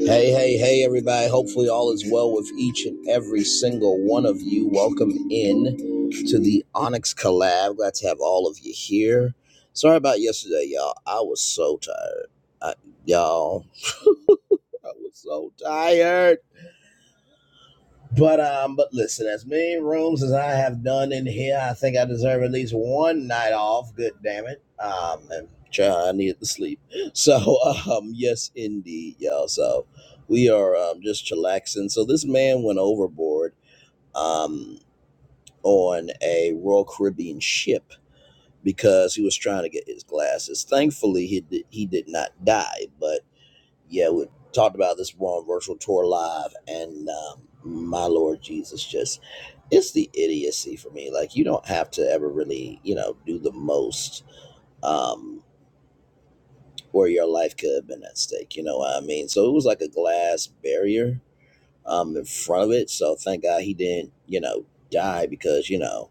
Hey, hey, hey, everybody. Hopefully, all is well with each and every single one of you. Welcome in to the Onyx Collab. Glad to have all of you here. Sorry about yesterday, y'all. I was so tired. I, y'all, I was so tired. But um, but listen, as many rooms as I have done in here, I think I deserve at least one night off. Good damn it. Um, and child, I needed to sleep. So um, yes, indeed, y'all. So we are um just chillaxing. So this man went overboard um on a Royal Caribbean ship because he was trying to get his glasses. Thankfully, he did, he did not die. But yeah, we talked about this one virtual tour live, and um, my Lord Jesus, just it's the idiocy for me. Like you don't have to ever really, you know, do the most um where your life could have been at stake. You know what I mean? So it was like a glass barrier um in front of it. So thank God he didn't, you know, die because, you know,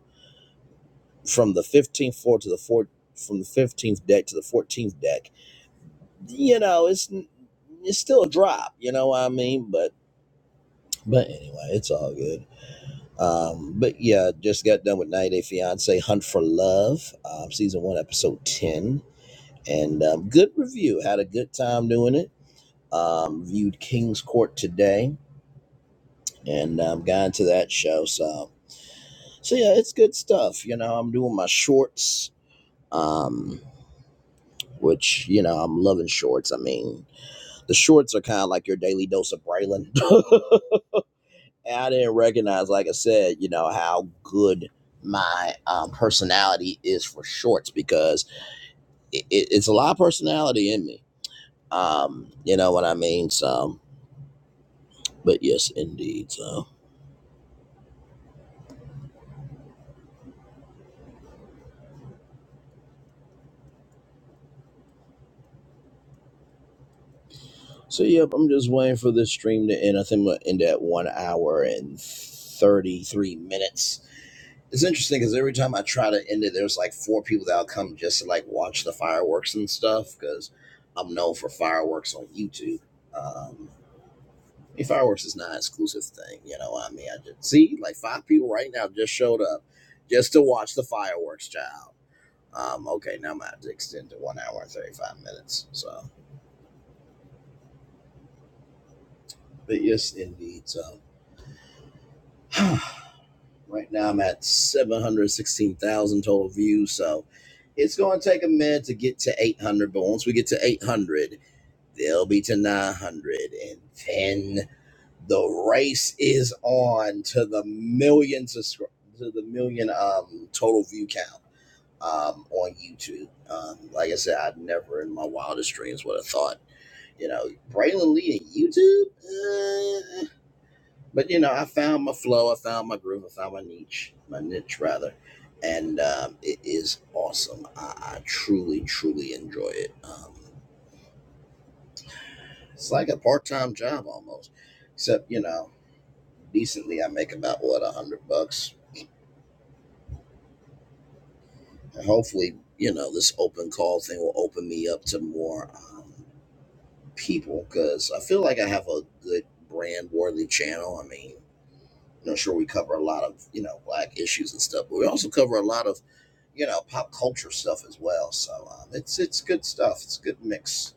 from the fifteenth floor to the fourth from the fifteenth deck to the fourteenth deck, you know, it's it's still a drop, you know what I mean? But but anyway, it's all good. Um, but yeah, just got done with 90 Day Fiance Hunt for Love, um, season one, episode 10. And um, good review. Had a good time doing it. Um, viewed King's Court today and um, got into that show. So, so yeah, it's good stuff. You know, I'm doing my shorts, um, which, you know, I'm loving shorts. I mean, the shorts are kind of like your daily dose of Braylon. And I didn't recognize, like I said, you know, how good my um, personality is for shorts because it, it, it's a lot of personality in me. Um, you know what I mean? So, but yes, indeed. So, so yep, I'm just waiting for this stream to end. I think we'll end at one hour and 33 minutes. It's interesting because every time I try to end it, there's like four people that'll come just to like watch the fireworks and stuff because I'm known for fireworks on YouTube. Um, I mean, fireworks is not an exclusive thing, you know. What I mean, I just see like five people right now just showed up just to watch the fireworks, child. Um, okay, now I'm gonna have to extend to one hour and thirty five minutes. So, but yes, indeed. So, right now I'm at seven hundred sixteen thousand total views. So, it's going to take a minute to get to eight hundred, but once we get to eight hundred, they'll be to nine hundred and ten. The race is on to the million of to the million um total view count um on YouTube. Um, like I said, I never in my wildest dreams would have thought, you know, Braylon Lee and YouTube. Uh, but you know, I found my flow, I found my groove, I found my niche, my niche rather, and um, it is awesome. I, I truly, truly enjoy it. Um, it's like a part-time job almost, except you know, decently I make about what a hundred bucks And hopefully, you know, this open call thing will open me up to more um, people because I feel like I have a good brand worthy channel. I mean, you know, sure, we cover a lot of, you know, black issues and stuff, but we also cover a lot of, you know, pop culture stuff as well. So um, it's it's good stuff. It's a good mix.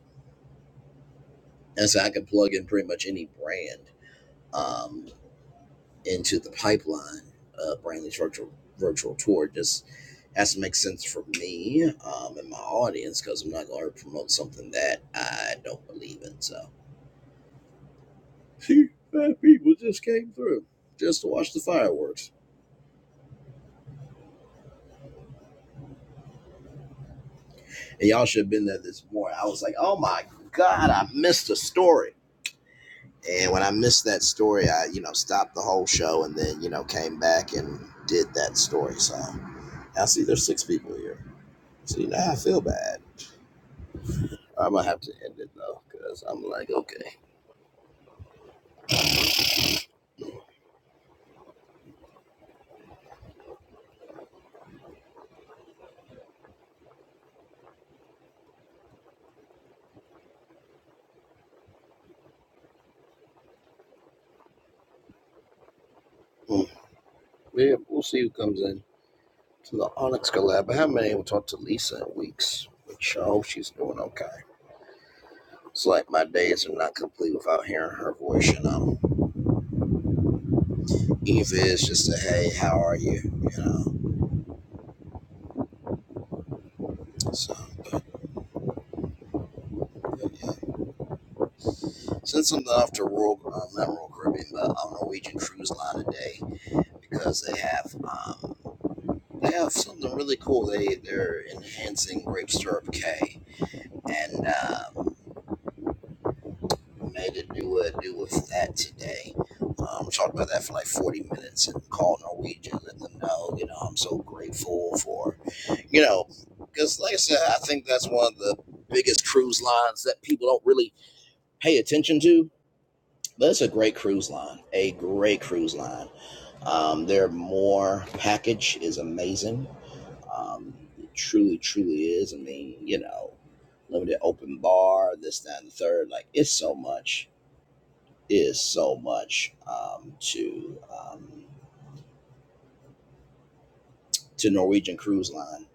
And so I can plug in pretty much any brand um, into the pipeline, uh, Brandley's virtual virtual tour. just. has to make sense for me um, and my audience because I'm not going to promote something that I don't believe in. So, Phew, five people just came through just to watch the fireworks. And y'all should have been there this morning. I was like, oh my God, I missed a story. And when I missed that story, I, you know, stopped the whole show and then, you know, came back and did that story. So, I see there's six people here. So, you know, I feel bad. I'm going to have to end it though because I'm like, okay, mm, yeah, we'll see who comes in. to the Onyx collab. I haven't been able to talk to Lisa in weeks, which I hope she's doing okay. It's like my days are not complete without hearing her voice, you know. Eva is just a hey, how are you? You know. So but, yeah. Since I'm off to Royal um, not Royal Caribbean, but um, Norwegian cruise line today because they have um they have something really cool. They they're enhancing grape syrup K and um made to do a do with that today. Um, talked about that for like 40 minutes and called Norwegian, let them know, you know, I'm so grateful for, you know, because like I said, I think that's one of the biggest cruise lines that people don't really pay attention to. But it's a great cruise line, a great cruise line. Um, their more package is amazing. Um, it truly, truly is. I mean, you know, limited open bar, this, that, and the third. Like, it's so much is so much um, to um, to Norwegian Cruise Line,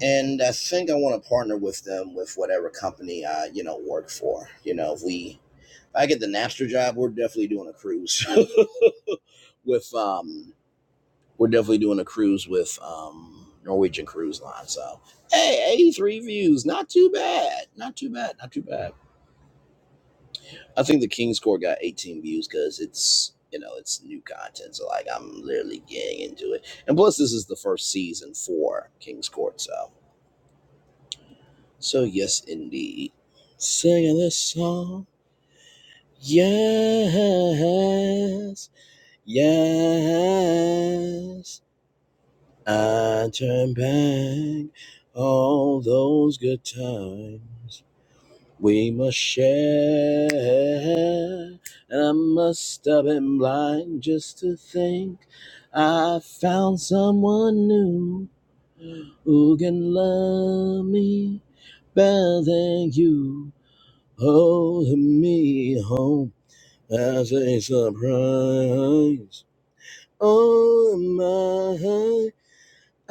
and I think I want to partner with them with whatever company I you know work for. You know, if we if I get the Napster job, we're definitely doing a cruise with um we're definitely doing a cruise with um Norwegian Cruise Line. So hey, eighty three views, not too bad, not too bad, not too bad. I think the King's Court got 18 views because it's you know it's new content, so like I'm literally getting into it. And plus, this is the first season for King's Court, so so yes, indeed. Singing this song, yes, yes. I turn back all those good times. We must share. And I must have been blind just to think I found someone new who can love me better than you. Holding me home as a surprise. Oh my,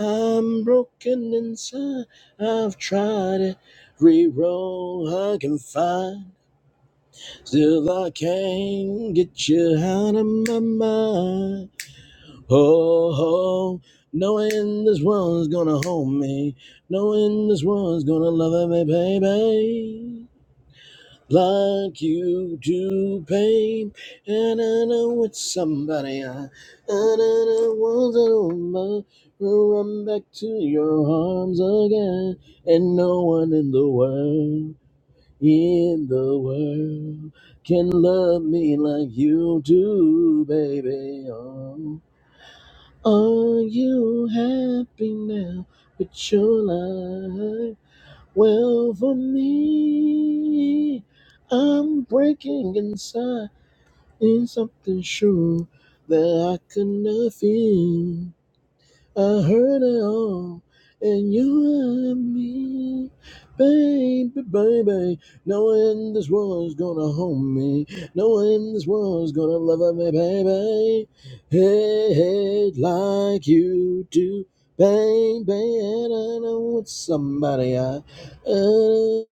I'm broken inside. I've tried every road I can find. Still, I can't get you out of my mind. Oh, oh, knowing this one's gonna hold me, knowing this one's gonna love me, baby. Like you do, babe. And I know it's somebody I, and I know was over. Run back to your arms again, and no one in the world in the world can love me like you do, baby. Oh, are you happy now with your life? Well, for me, I'm breaking inside in something sure that I could not feel. I heard it all, and you and me, baby, baby. No one in this world's gonna hold me. No one in this world's gonna love me, baby. Hey, hey, like you do, baby. And I know it's somebody I uh,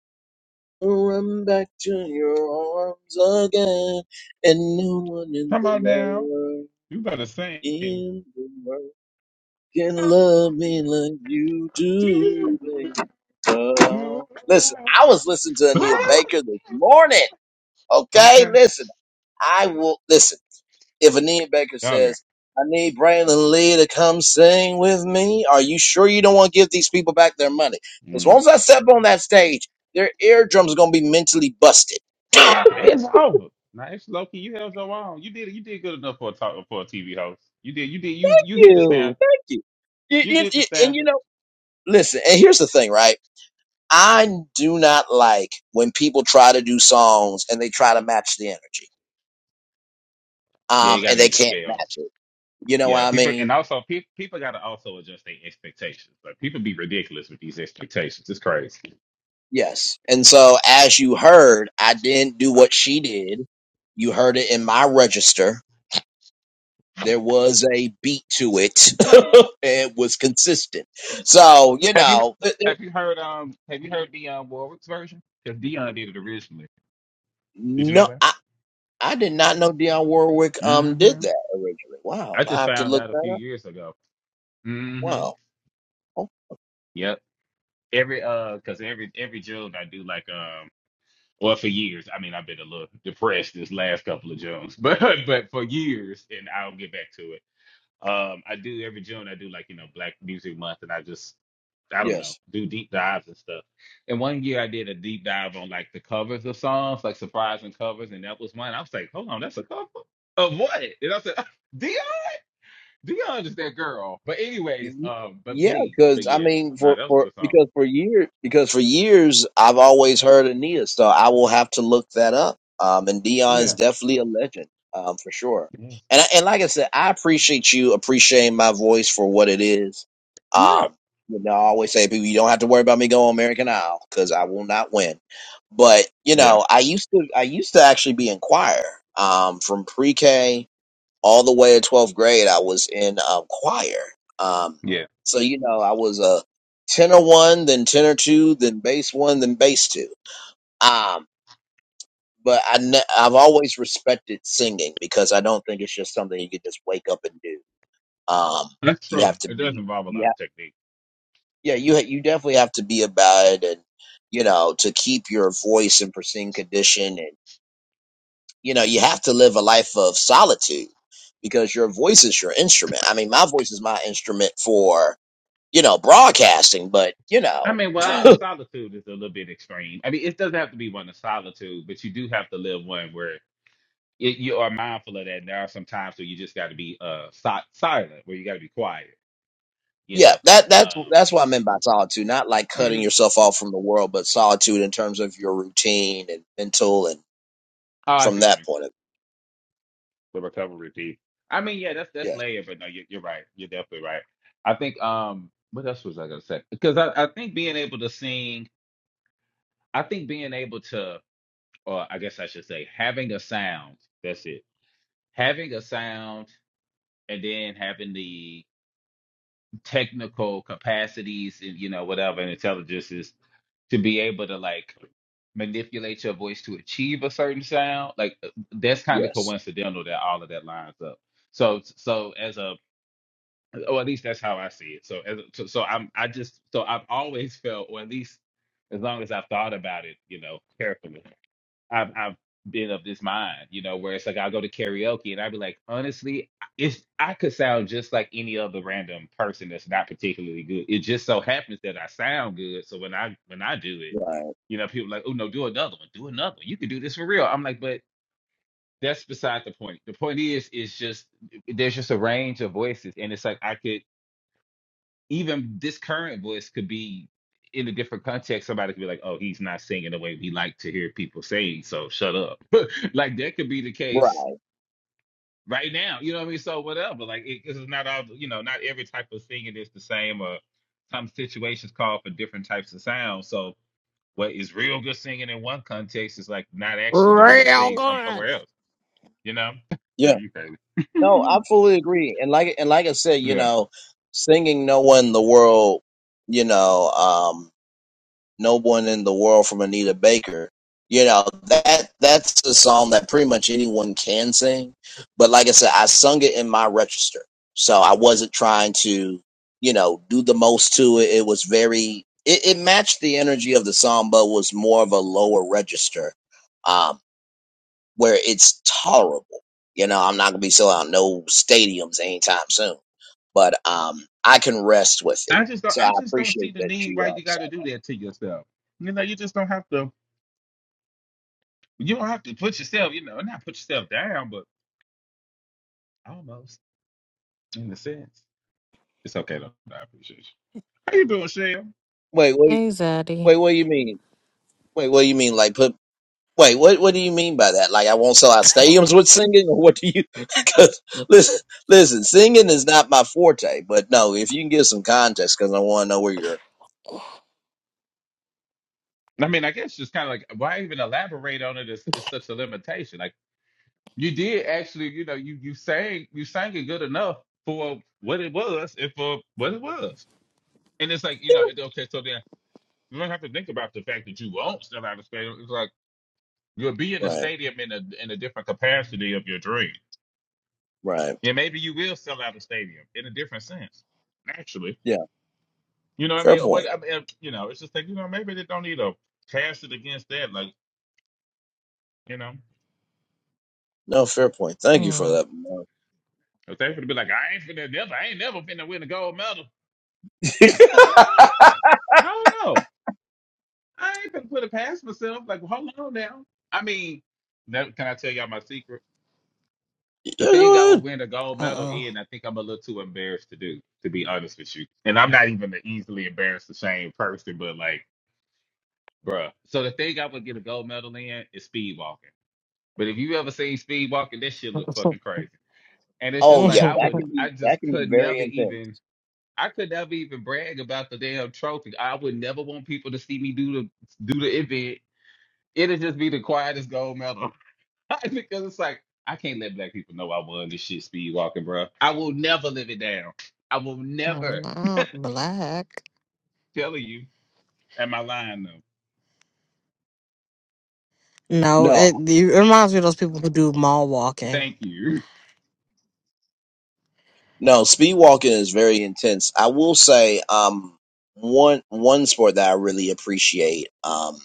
run back to your arms again, and no one in Come the on now. world, You better sing. Okay. in the world can love me like you do, baby. Oh. Listen, I was listening to Anita Baker this morning. Okay, listen, I will listen. If Anita Baker Oh yeah. says, I need Braylon Lee to come sing with me, are you sure you don't want to give these people back their money? Because Mm. once I step on that stage, their eardrums are going to be mentally busted. It's over. Now it's Loki. You held your own. You did you did good enough for a talk, for a TV host. You did you did you Thank you hit the you. standard. Thank you. You- You you- did the you- And you standard. know, listen, and here's the thing, right? I do not like when people try to do songs and they try to match the energy. Yeah, you Um, got and to be they the can't scale. match it. You know what Yeah, I people and mean? also pe- people got to also adjust their expectations. Like people be ridiculous with these expectations. It's crazy. Yes. And so as you heard, I didn't do what she did. You heard it in my register. There was a beat to it. it was consistent. So, you Have you know, it- it- have you heard um have you heard Dionne Warwick's version? Because Dion did it originally. Did you know no, that? I, I did not know Dionne Warwick um did hmm that originally. I Wow. I just have to found look out a few that up. years ago. hmm Wow. Oh, Yep. Every uh, cause every every June I do like um, well for years. I mean I've been a little depressed this last couple of Junes, but but for years, and I'll get back to it. Um, I do every June. I do like you know Black Music Month, and I just I don't know yes. do deep dives and stuff. And one year I did a deep dive on like the covers of songs, like surprising covers, and that was one. I was like, hold on, that's a cover of what? And I said, Dion, Dion is that girl. But anyways, Y- um, but Yeah, please, but because I yes, mean, no, for that was a for good song. because for years because for years I've always heard Ania, so I will have to look that up. Um, and Dion's Yeah. definitely a legend, um, for sure. Yes. And I- and like I said, I appreciate you appreciating my voice for what it is. Yeah, Um, you know, I always say people, you don't have to worry about me going American Idol because I will not win. But you yeah, know, I used to I used to actually be in choir, um, from pre K all the way to 12th grade, I was in um, choir. Um, yeah. so, you know, I was a tenor one, then tenor two, then bass one, then bass two. Um, but I ne- I've always respected singing because I don't think it's just something you can just wake up and do. Um, That's you true. have to It does be, involve a you lot have, of technique. yeah, you, ha- you definitely have to be about it and, you know, to keep your voice in pristine condition you know you have to live a life of solitude because your voice is your instrument i mean my voice is my instrument for you know broadcasting but you I know mean, well, I- solitude is a little bit extreme. I mean, it doesn't have to be one of solitude, but you do have to live one where it, you are mindful of that. And there are some times where you just got to be uh si- silent, where you got to be quiet. You yeah know. that that's Um. that's what i meant by solitude not like cutting mhm. yourself off from the world but solitude in terms of your routine and mental and Oh, I from see what you that mean. point of The recovery piece. I mean, yeah, that's that's yes layered, but no, you're, you're right. You're definitely right. I think. Um. What else was I gonna say? Because I, I think being able to sing, I think being able to, or I guess I should say, having a sound. That's it. Having a sound and then having the technical capacities and you know whatever and intelligences to be able to like manipulate your voice to achieve a certain sound like uh, that's kind of yes coincidental that all of that lines up so so as a or at least that's how i see it so as a, so, so i'm i just so i've always felt or at least as long as i've thought about it you know carefully I've I've been of this mind, you know, where it's like I'll go to karaoke and I'd be like, honestly, if I could sound just like any other random person that's not particularly good. It just so happens that I sound good. So when I when I do it, right you know, people like, oh no, do another one, do another one. You can do this for real. I'm like, but that's beside the point. The point is, is just there's just a range of voices, and it's like I could even this current voice could be in a different context. Somebody could be like, "Oh, he's not singing the way we like to hear people sing, so shut up." like that could be the right case right now. You know what I mean? So whatever. Like it, this is not all. You know, not every type of singing is the same, or some situations call for different types of sounds. So what is real good singing in one context is like not actually the way to Real sing some good. somewhere else. You know? Yeah, yeah you no crazy. i fully agree and like and like i said you Yeah. know singing no one in the world you know um, No One in the World from Anita Baker. You know, that that's a song that pretty much anyone can sing. But like I said, I sung it in my register. So I wasn't trying to, you know, do the most to it. It was very it, it matched the energy of the song, but was more of a lower register, um, where it's tolerable. You know, I'm not gonna be selling out no stadiums anytime soon. But um I can rest with it. I just don't. So I I just don't see appreciate the that need you why um you got sorry. to do that to yourself. You know, you just don't have to. You don't have to put yourself. You know, not put yourself down, but almost in a sense. It's okay though. I appreciate you. How you doing, Shell? Wait, wait. Hey, Zaddy. Wait, what do you mean? Wait, what do you mean? Like put? Wait, what what do you mean by that? Like I won't sell out stadiums with singing, or what do you? Because listen, listen, singing is not my forte. But no, if you can give some context, because I want to know where you're. I mean, I guess just kind of like why even elaborate on it is is such a limitation. Like you did actually, you know, you you sang you sang it good enough for what it was and for what it was. And it's like you know, it, okay, so then you don't have to think about the fact that you won't still out of space. You'll be in the Right, stadium in a in a different capacity of your dream, right, and maybe you will sell out a stadium in a different sense. Actually, yeah, you know what I fair mean. But point. I mean, you know, it's just like you know, maybe they don't need to cast it against that. Like you know, No, fair point. Thank you for Mm, that. Mark. if they to be like, I ain't finna never, I ain't never finna win a gold medal. Um, I don't know. I ain't finna put it past myself. Like, hold on now. I mean, that, can I tell y'all my secret? Yeah, The thing I go would ahead. win a gold medal uh in, I think I'm a little too embarrassed to do, to be honest with you. And I'm not even an easily embarrassed, ashamed person, but like, bruh. So the thing I would get a gold medal in is speed walking. But if you ever seen speed walking, this shit look fucking crazy. And it's Oh just like yeah, I oh. that would, can be I just that can be could very never intense. even, I could never even brag about the damn trophy. I would never want people to see me do the do the event. It'd just be the quietest gold medal. because it's like I can't let black people know I won this shit speed walking, bro. I will never live it down. I will I'm never not black. tell you. Am I lying though? No, No, it, you, it reminds me of those people who do mall walking. Thank you. no, speed walking is very intense. I will say, um, one one sport that I really appreciate. Um,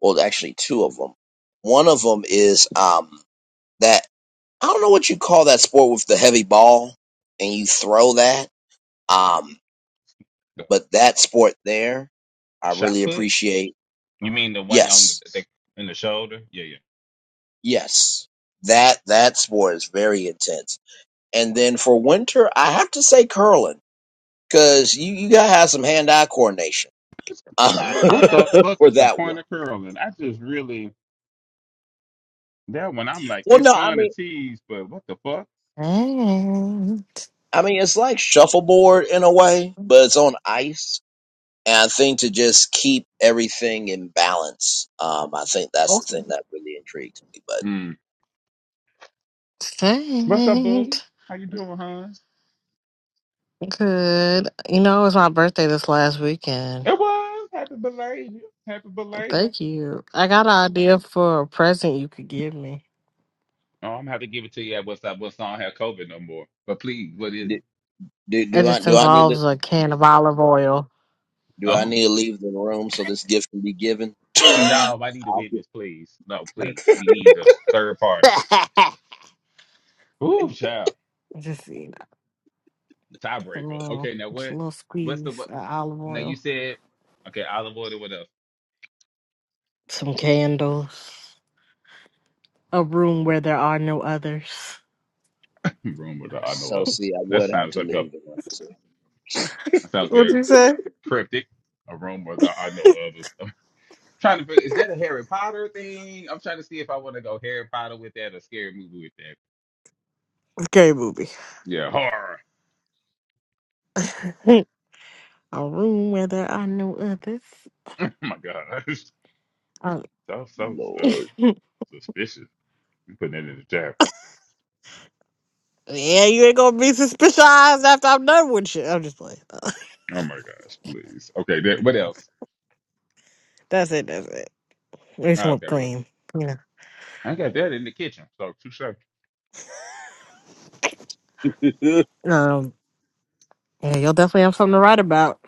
Well, actually, two of them. One of them is um that I don't know what you call that sport with the heavy ball and you throw that. Um, The but that sport there, I shot really put? appreciate. You mean the one on the, Yes, the in the shoulder? Yeah, yeah. yes, that that sport is very intense. And then for winter, I have to say curling because you you gotta have some hand eye coordination What uh, the fuck for is the that point one. of curling? I just really that one. I'm like, Well, it's no, I fun to mean tease, but what the fuck? Saint. I mean it's like shuffleboard in a way, but it's on ice And I think to just keep everything in balance. Um, I think that's the thing that really intrigues me. But Mm. What's up, boo? Saint. How you doing, Hans? Good. You know, it was my birthday this last weekend. It was happy belated. Happy belated. Thank you. I got an idea for a present you could give me. Oh, I'm gonna have to give it to you at what's up. What's I don't have COVID no more. But please, what is do, it? do, It do I just do I need to involves a can of olive oil. do I Oh, need to leave the room so this gift can be given? no, I need a I'll gi- witness, please. No, please, we need a third party. Ooh, child, Just, you know, just a tiebreaker. little, Okay, now just a what? little What's the squeeze what? of olive Now you oil. said okay, olive oil. What else? some candles, a room where there are no others. Rumor that I know so of. see, I That would have sounds to like a leave the room. See, that sounds What'd very you say? cryptic. A rumor that I know of. I'm trying to figure, is that a Harry Potter thing? I'm trying to see if I want to go Harry Potter with that or scary movie with that. Okay, booby. Yeah, horror. a room where there are no others. Oh my god. Um, That was so uh, Lord, suspicious. I'm putting that in the chat. yeah, you ain't gonna be suspicious after I'm done with you. I'm just playing. Uh, Oh my gosh, please. Okay, then what else? That's it. That's it. Make Ah, some whipped okay, well, cream. Yeah. I got that in the kitchen. So two seconds. Um. Yeah, you'll definitely have something to write about.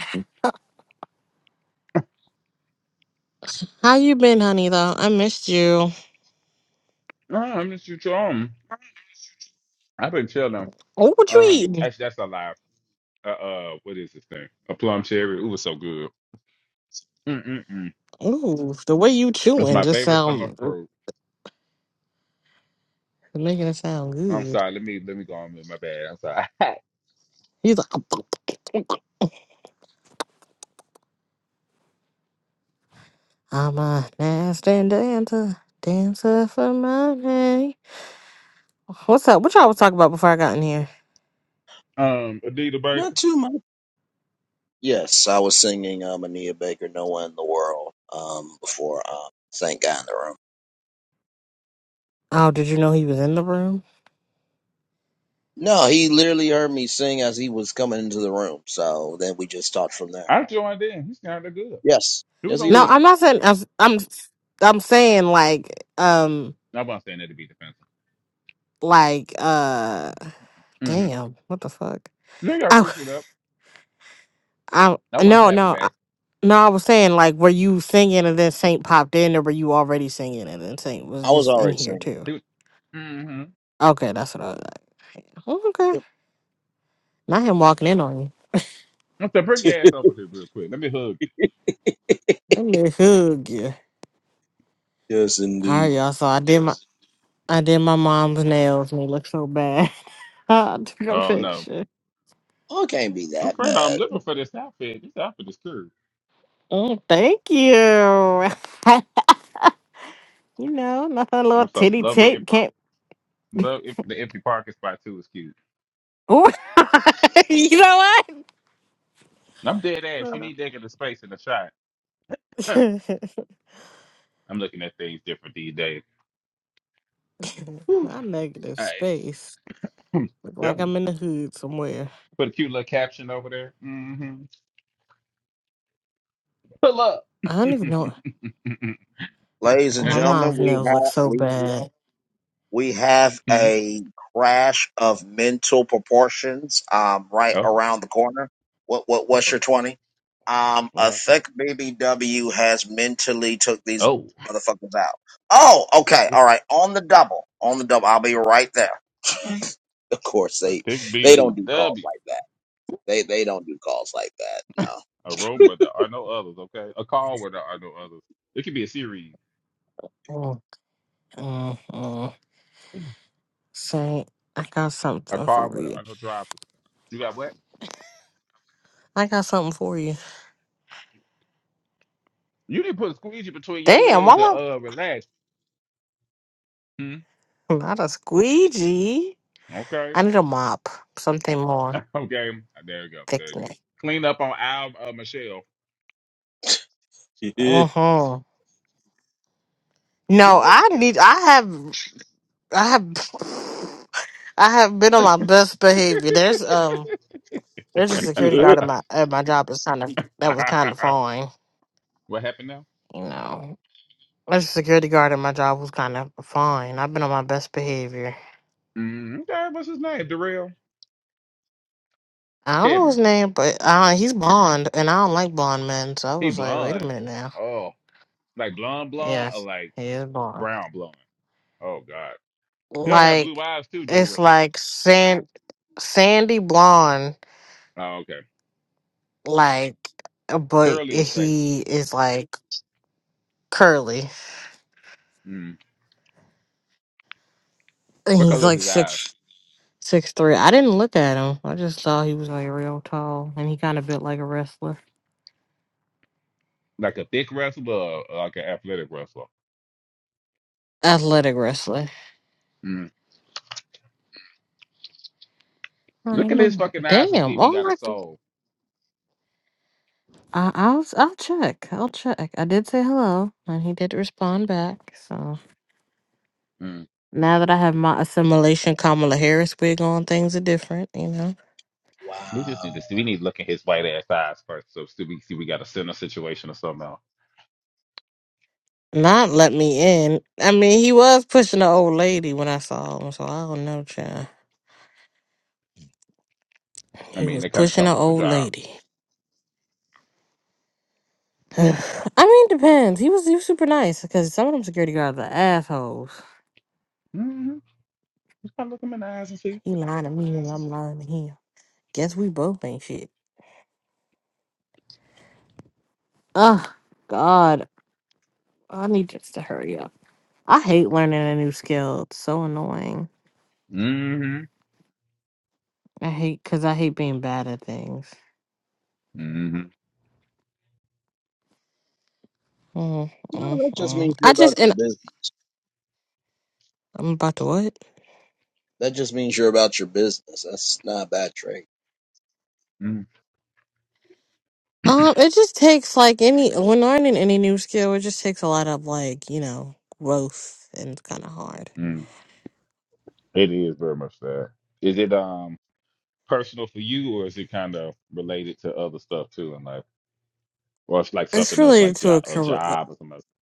How you been, honey? Though I missed you. No, I'm just you um, I've been chilling. Oh, what you Um, eating? actually, that's a lie. Uh, uh, what is this thing? A plum cherry. It was so good. Mm mm mm. Ooh, the way you It's chewing my just favorite summer sound fruit. making it sound I'm good. sorry. Let me let me go on with my bad. I'm sorry. He's like. I'm a nasty dancer, dancer for money. What's up? What y'all was talking about before I got in here? um, Adita not Baker. too much. Yes, I was singing um, Anita Baker, "No One in the World," um, before um, thank God in the room. Oh, did you know he was in the room? No, he literally heard me sing as he was coming into the room. So then we just talked from there. I joined in. He sounded good. Yes, It was yes, he did. No, okay. I'm not saying. I'm. I'm, I'm saying like, um, I wasn't saying that to be defensive. like, uh, Mm-hmm. damn, what the fuck? They got Oh, fix it up. I, I wasn't no, clapping no, back. I, no. I was saying like, were you singing and then Saint popped in, or were you already singing and then Saint was I was just in already here singing. too? He was, mm-hmm. Okay, that's what I was like. Okay, Yep. not him walking in on you. I'm bring your ass over here real quick. Let me hug you. Let me hug you. Yes, All right, indeed. y'all. So I did my I did my mom's nails and they look so bad. I took a Oh no, picture. Oh, it can't be good that friend, I'm bad. looking for this outfit. This outfit is cool. Oh, thank you. you know, nothing little I'm so titty love the tit em- can't. love em- the empty parking spot too. Is cute. Ooh. you know And I'm dead ass. You what? need that kind of space in the shot. Huh. I'm looking at things different these days. Whew. Not negative All right, space. Hmm. Look like definitely. I'm in the hood somewhere. Put a cute little caption over there. Mm-hmm. Pull up. I don't even know. Ladies and My mom's gentlemen, we nails look have so we bad. we have Hmm. a crash of mental proportions um right oh, around the corner. What what what's uh-oh. your twenty? Um, what I happened? think BBW has mentally took these Oh, motherfuckers out. Oh, what's okay, this? all right, on the double, on the double. I'll be right there. Of course, a they big they don't do calls BBW. like that. They they don't do calls like that. a room where there are no others, okay? A call where there are no others. It could be a series, Mm, mm, mm. Saint, I got a something car for where there you. are no drivers. You got what? I got something for you. You didn't put a squeegee between your Damn, legs to why? uh relax. Hmm. Not a squeegee. Okay. I need a mop. Something more Okay. There you go. There it thickening. is. Clean up on Al uh, Michelle. No. Mm-hmm. She No, I leaking. need. I have. I have. I have been on my best behavior. There's um. There's a security guard at my at my job. That's kind of that was kind of fine. what happened now? You know, there's a security guard at my job was kind of fine. I've been on my best behavior. Mm, okay. What's his name? Darrell I don't know his Kevin. name, but uh, he's blonde, and I don't like blonde men. So I He was like, wait a blonde. minute now. Oh, like blonde blonde or Yes, like he is blonde. brown blonde. Oh God. He don't have blue like eyes too, do it's it. like sand sandy blonde Oh, okay. like uh, but Curly or straight? he is like curly Mm. and What he's color is like his eyes? six six three i didn't look at him i just saw he was like real tall and he kind of built like a wrestler Like a thick wrestler or like an athletic wrestler? athletic wrestler Mm. I Look in his know. fucking eyes and see damn if he all got a I, can- soul. I i'll i'll check i'll check i did say hello and he did respond back so Mm. now that i have my assimilation kamala harris wig on things are different you know We wow. just need to see. We need to look at his white ass eyes first, so see we see we got a center situation or something. Else. Not let me in. I mean, he was pushing the old lady when I saw him, so I don't know, child. I He mean, was that kind of pushing comes the with the old job. lady. I mean, depends. He was he was super nice because some of them security guards are assholes. Mm-hmm. Just kind of look him in the eyes and see. He lying to me and I'm lying to him. Guess we both ain't shit. Oh God, I need this to hurry up. I hate learning a new skill. It's so annoying. Mm-hmm. I hate because I hate being bad at things. Mm-hmm. Mm, No, mm, that just mm. means you're I about just your and business. I'm about to what? That just means you're about your business. That's not a bad trait. Mm-hmm. Um, it just takes like any when learning any new skill, it just takes a lot of like you know growth, and it's kind of hard. Mm-hmm. It is very much that. Is it um personal for you, or is it kind of related to other stuff too, in life, or it's like It's something else, related like to jo- a a career. uh, job or something?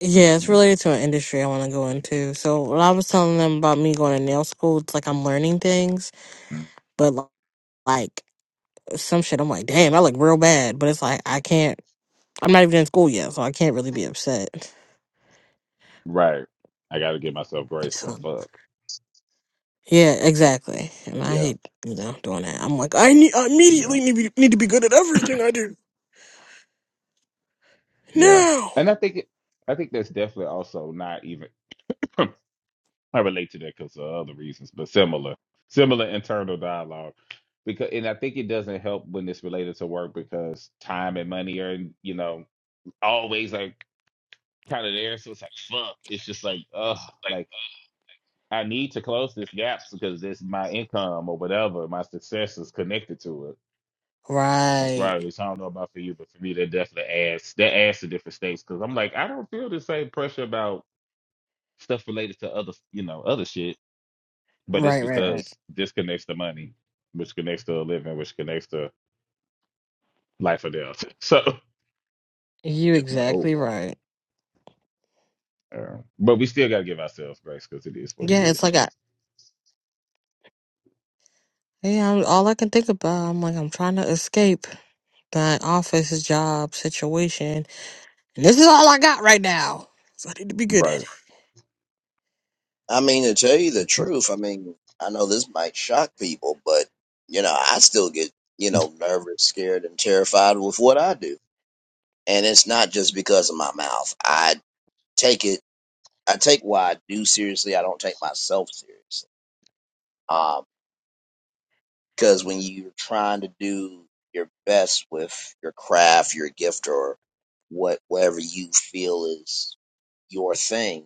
Yeah, it's related to an industry I want to go into. So when I was telling them about me going to nail school, it's like I'm learning things, but li- like some shit, I'm like, damn, I look real bad. But it's like I can't. I'm not even in school yet, so I can't really be upset. Right. I got to give myself grace, but So fuck. yeah, exactly. And I Yeah. hate you know doing that. I'm like, I need I Yeah. immediately need, to be- need to be good at everything I do Yeah. now. And I think it, I think that's definitely also not even I relate to that because of other reasons, but similar, similar internal dialogue. Because and I think it doesn't help when it's related to work because time and money are you know always like kind of there, so it's like fuck. It's just like ugh, like I need to close this gap because this my income or whatever my success is connected to it Right. Right, so I don't know about for you, but for me, that definitely adds that adds to different states because I'm like, I don't feel the same pressure about stuff related to other, you know, other shit. But it's Right, right, right. because this connects to money, which connects to a living, which connects to life or death. So I'm You Yep. like, oh, exactly wow. right. Uh, but we still gotta give ourselves grace because it is what it Yeah, it's is. like I yeah, I'm- all I can think about, I'm like I'm trying to escape my office job situation. And this is all I got right now. So I need to be good at Right. it. I mean, to tell you the Like, you- truth, I mean, I know this might shock people, but you know, I still get you know nervous, scared, and terrified with what I do, and it's not just because of my mouth. I take it, I take what I do seriously. I don't take myself seriously, um, because when you're trying to do your best with your craft, your gift, or what whatever you feel is your thing.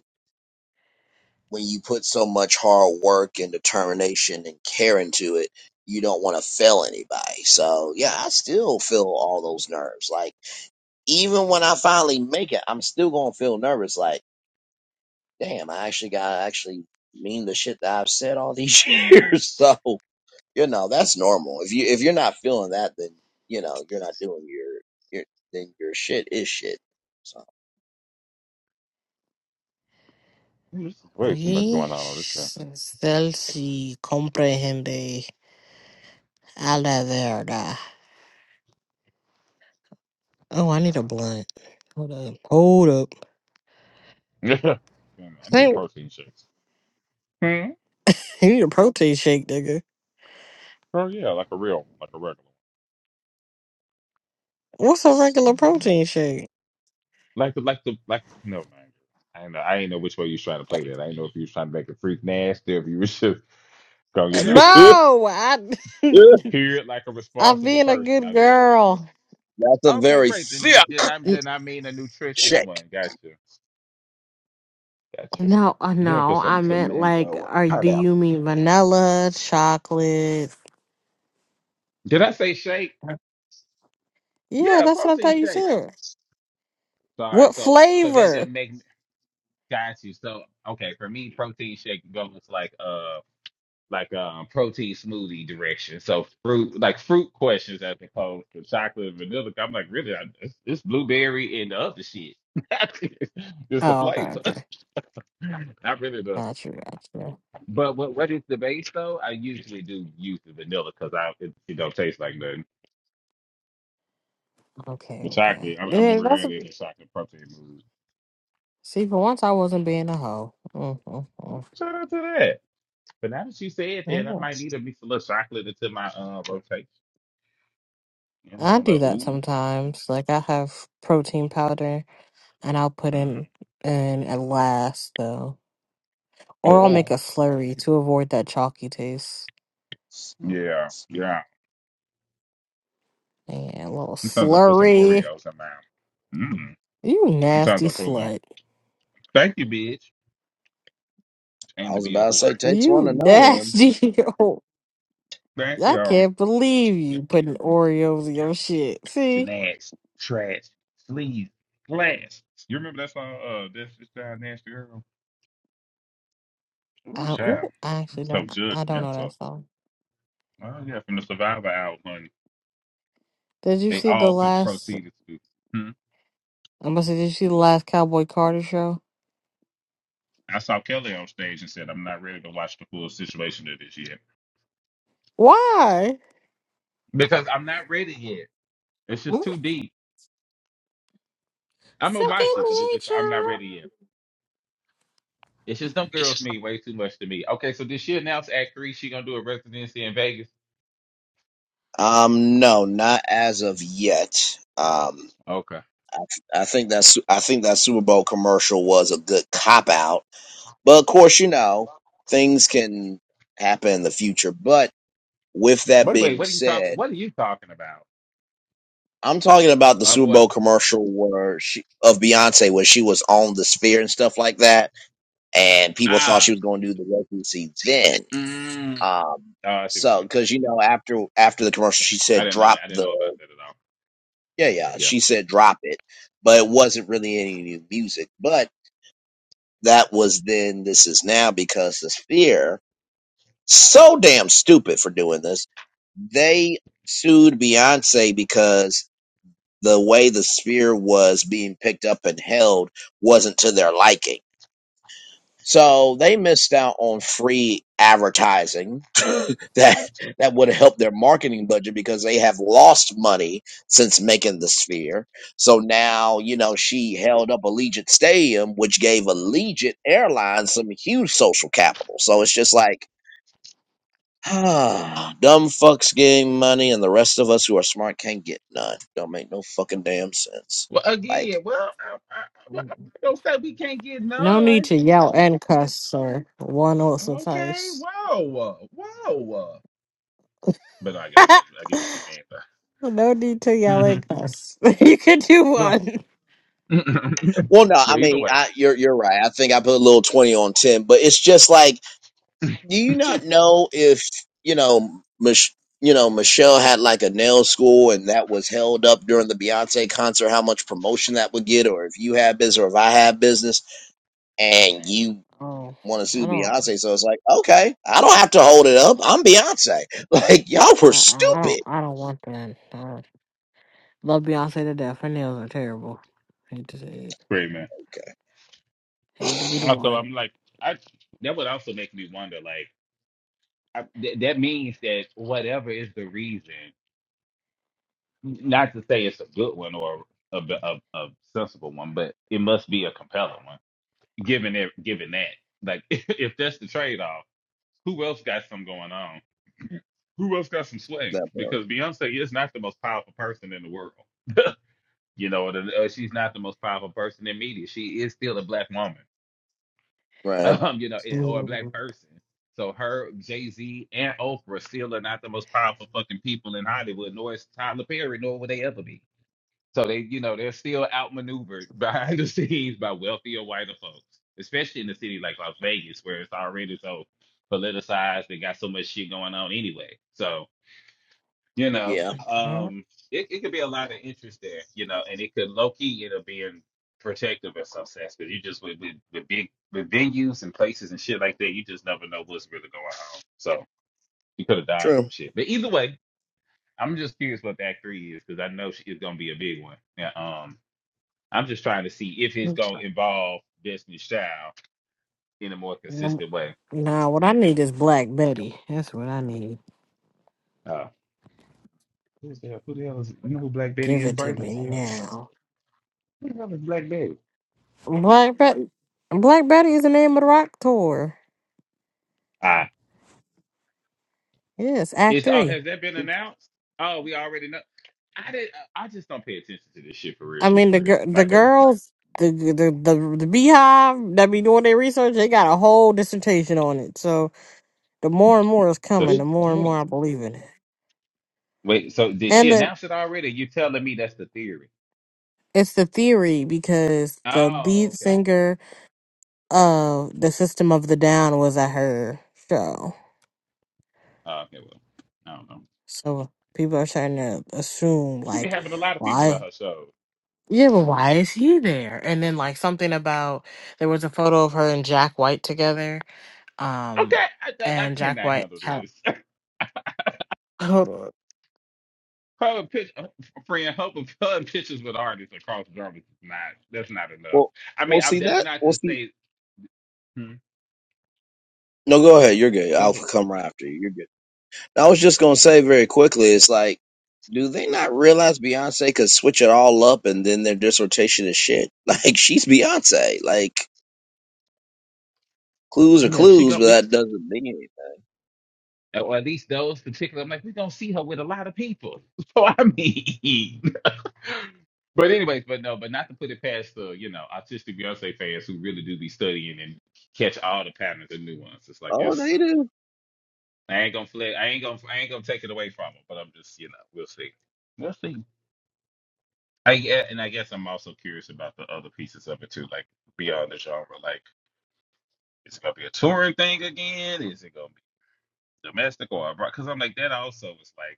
When you put so much hard work and determination and care into it, you don't want to fail anybody. So yeah, I still feel all those nerves. Like even when I finally make it, I'm still gonna feel nervous. Like damn, I actually gotta actually mean the shit that I've said all these years. So you know that's normal. If you if you're not feeling that, then you know you're not doing your your then your shit is shit. So This is way too much We going on on this still si comprehende a la verga. Oh, I need a blunt. Hold up. Hold up. thing. Yeah. I need Thank protein shakes. Hmm? you need a protein shake, nigga. Oh yeah, like a real, one, like a regular. What's a regular protein shake? Like the like the like never mind. I ain't know I ain't know which way you was trying to play that. I ain't know if you was trying to make it freak nasty or if you was just go, you know, No, I hear it like a I'm responsible being a person. good I just girl. that's a okay, very great. Then thick. you then I N- then I mean a nutritious one. Gotcha. Gotcha. No, uh, I'm gonna put no, I some some meant mango like, or are do pineapple. you mean vanilla, chocolate? Did I say shake? Yeah, Yeah, that's what I thought protein you shake. said. Sorry, What so so that flavor? doesn't make got you. So okay, for me protein shake goes like uh like um protein smoothie direction. So fruit, like fruit questions as opposed to chocolate and vanilla. I'm like, really, I, it's, it's blueberry and the other shit. Just the Oh, okay, flavor, okay. not really the. Got you, got you. But what what is the base though? I usually do use the vanilla because I it, it don't taste like nothing. Okay, The okay. chocolate, I'm, I'm Yeah, that's a, rarely in the chocolate protein mood. see. For once, I wasn't being a hoe. Mm-hmm. Shout out to that. But now that you said that, I Yeah, might need to mix a little chocolate into my uh rotation. You I know, do like that ooh, sometimes. Like I have protein powder, and I'll put in mm, in at last though, or I'll oh, make a slurry to avoid that chalky taste. yeah, yeah. And a little Sometimes I put some slurry. Oreos in my Mm. You Sometimes nasty I put a little. slut. Thank you, bitch. Aim I to was be a about to whore. say takes one You to know one. nasty. Oh, Thank I you. Um, can't believe you putting Oreos in your shit. See? Janax, trash, sleaze, glass. You remember that song? Uh, that's just that nasty girl. Ooh, I, child. ooh, I actually So don't. I don't know that judgmental. song. Oh yeah, from the Survivor album. honey. Did you They see the all could last? proceed to. Hmm. I must say, did you see the last Cowboy Carter show? I saw Kelly on stage and said, "I'm not ready to watch the full situation of this yet Why? because I'm not ready yet. It's just Ooh, too deep. I'm gonna Second watch it, but it's just I'm not nature. ready yet." It's just them girls mean way too much to me. Okay, so did she announce at three she gonna do a residency in Vegas? Um, no, not as of yet. Um, Okay. I think that's I think that Super Bowl commercial was a good cop out, but of course, you know things can happen in the future. But with that What wait, being what are you talking said, what are you talking about? I'm talking about the Uh, Super what Bowl commercial where she of Beyonce where she was on the sphere and stuff like that, and people thought ah she was going to do the residency then. mm. Um, oh I see what you so mean. because you know after after the commercial, she I said didn't know it. drop I didn't know the about that at all. Yeah, yeah. Yeah. She said drop it, but it wasn't really any new music. But that was then, this is now because the Sphere, so damn stupid for doing this, they sued Beyonce because the way the Sphere was being picked up and held wasn't to their liking. So they missed out on free advertising that that would have helped their marketing budget because they have lost money since making the sphere. So now, you know, she held up Allegiant Stadium, which gave Allegiant Airlines some huge social capital. So it's just like, ah, dumb fucks getting money, and the rest of us who are smart can't get none. Don't make no fucking damn sense. Well again, Like, well I, I, well, I'm not say we can't get No need none. to yell and cuss, sir. One will Okay, suffice. whoa, whoa. But I, I get I get what you mean no need to yell though. and cuss. you can do Mm-hmm. one. Well well, no, I but either mean, way, I, you're you're right. I think I put a little twenty on ten, but it's just like do you not know if you know Mich- you know Michelle had like a nail school and that was held up during the Beyonce concert how much promotion that would get or if you have business or if I have business and you Oh, want to I sue don't, Beyonce so it's like okay I don't have to hold it up I'm Beyonce like y'all were I, I don't, stupid I don't want that. I don't- love Beyonce to death. Her nails are terrible. Hate to say it. great man. okay Hate to be the Also one. I'm like I that would also make me wonder like I, th- that means that whatever is the reason, not to say it's a good one or a, a, a sensible one, but it must be a compelling one. Given it, given that, like if that's the trade off, who else got some going on? Who else got some swing? that part Because Beyonce is not the most powerful person in the world. you know, the- uh, she's not the most powerful person in media. She is still a black woman. right um, you know, and, or a black Mm. person. So her, Jay Z, and Oprah still are not the most powerful fucking people in Hollywood, nor is Tyler Perry, nor will they ever be. So they, you know, they're still outmaneuvered behind the scenes by wealthier, whiter folks, especially in a city like Las Vegas, where it's already so politicized. They got so much shit going on anyway. So you know, yeah um, it, it could be a lot of interest there, you know, and it could low key end up being protective in some sense because you just with, with with big with venues and places and shit like that, you just never know what's really going on. So you could have died some true shit, but either way, I'm just curious what the Act Three is because I know she is gonna be a big one. Yeah, um, I'm just trying to see if it's gonna Mm. involve Destiny's Child in a more consistent way. Nah, what I need is Black Betty. That's what I need. Uh, who's the, hell? who the hell is you know who Black Betty Give is? it to Braylon. me I'm like, now. who the hell is Black Betty? Black Betty. Black Betty is the name of the rock tour. Yes, Act Is oh Three. has that been announced? Oh, we already know. I did. I just don't pay attention to this shit for real. I mean the gir- the Like a girls, the the the, the beehive that be doing their research. They got a whole dissertation on it. So. The more and more is so. coming, She, the Good for more and her. more I believe in it. wait. So did And she the, announce it already? You telling me that's the theory? it's the theory because the lead Oh, okay. singer of the System of the Down was at her show. Oh, okay. Well, I don't know. So people are trying to assume, She be like, having a lot of people on why? her show. Yeah, but why is he there? And then, like, something about there was a photo of her and Jack White together. Okay, Um, I, I, I and Jack cannot White handle had, this. hold on. Her pitch, friend, her, her pictures with artists across genres is not. That's not enough. well I we'll mean, I, see that's that not we'll to see say. Hmm, no go ahead you're good go I'll ahead. come right after you You're good. I was just gonna say very quickly, it's like, do they not realize Beyonce could switch it all up and then their dissertation is shit? Like she's Beyonce. Like clues I are mean, she clues, go. but that doesn't mean anything. or at least those particular. I'm like, we're gonna see her with a lot of people. So I mean, but anyways, but no, but not to put it past the you know autistic Beyonce fans who really do be studying and catch all the patterns and nuance. It's like Oh, it's they do. I ain't gonna flip, I ain't gonna I ain't gonna take it away from them. But I'm just you know we'll see, we'll see. I gue- and I guess I'm also curious about the other pieces of it too, like beyond the genre. Like, is it gonna be a touring thing again? Is it gonna be domestic or abroad? Because I'm like that also was like.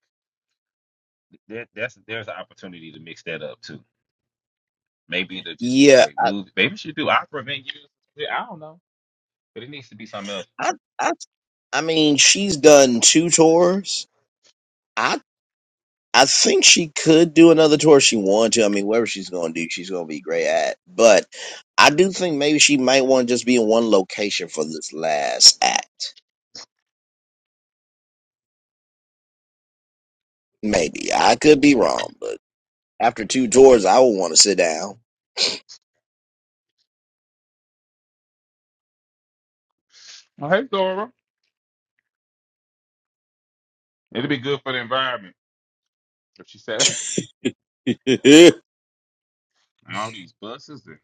There, that's there's an opportunity to mix that up too. Maybe it'll just be Yeah, straight I, movies. Maybe she do opera venues. Yeah, I don't know, but it needs to be something else. I, I, I mean, she's done two tours. I, I think she could do another tour if she wanted to. I mean, whatever she's gonna do, she's gonna be great at. But I do think maybe she might want to just be in one location for this last act. Maybe I could be wrong, but. After two tours, I would want to sit down. Oh, hey, Dora. It'll be good for the environment if she said all these buses and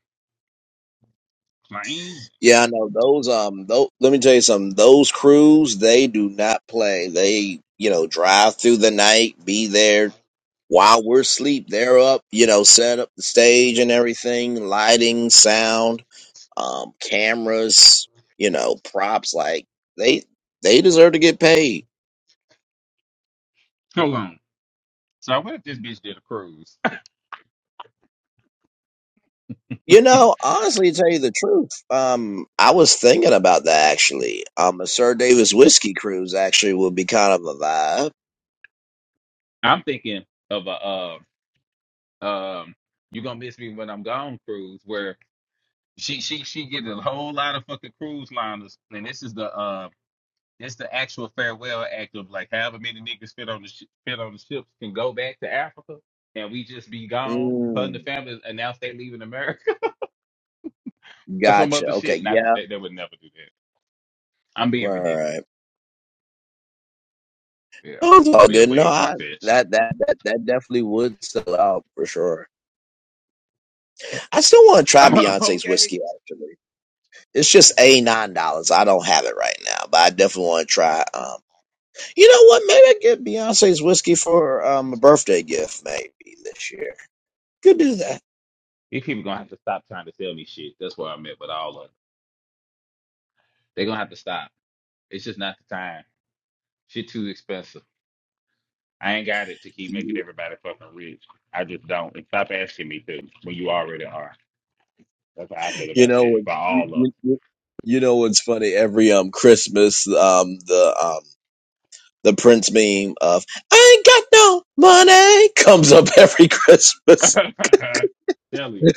planes. Yeah, I know those. Um, those, let me tell you something. Those crews, they do not play. They, you know, drive through the night, be there while we're asleep. They're up, you know, set up the stage and everything, lighting, sound, um, cameras, you know, props. Like they, they deserve to get paid. Hold on. So what if this bitch did a cruise? You know, honestly, to tell you the truth, um, I was thinking about that actually. Um, a Sir Davis whiskey cruise actually would be kind of a vibe. I'm thinking of a uh, um, you gonna miss me when I'm gone cruise where she she she getting a whole lot of fucking cruise liners, and this is the uh. That's the actual farewell act of like however many niggas fit on the sh- fit on the ships can go back to Africa and we just be gone. Her and the Mm, family announce they leaving America or some gotcha. other Okay. shit. Not that Yeah. they, they would never do that. I'm being Right. Right. ridiculous. right. Yeah, Oh, it's I'm all being good. No, way far I, fetched. that that that that definitely would sell out for sure. I still want to try Beyonce's okay, whiskey. Actually, it's just a nine dollars. I don't have it right now, but I definitely want to try. Um, you know what? Maybe I get Beyonce's whiskey for um a birthday gift maybe this year. Could do that. these people gonna have to stop trying to sell me shit. That's where I'm at with all of them. They gonna have to stop. It's just not the time. Shit too expensive. I ain't got it to keep Yeah. making everybody fucking rich. I just don't. And stop asking me to when you already are. That's how I feel You about know shit. what? For You, all of you, you know what's funny? Every um Christmas, um the um the Prince meme of "I ain't got no money" comes up every Christmas. them. Tell you,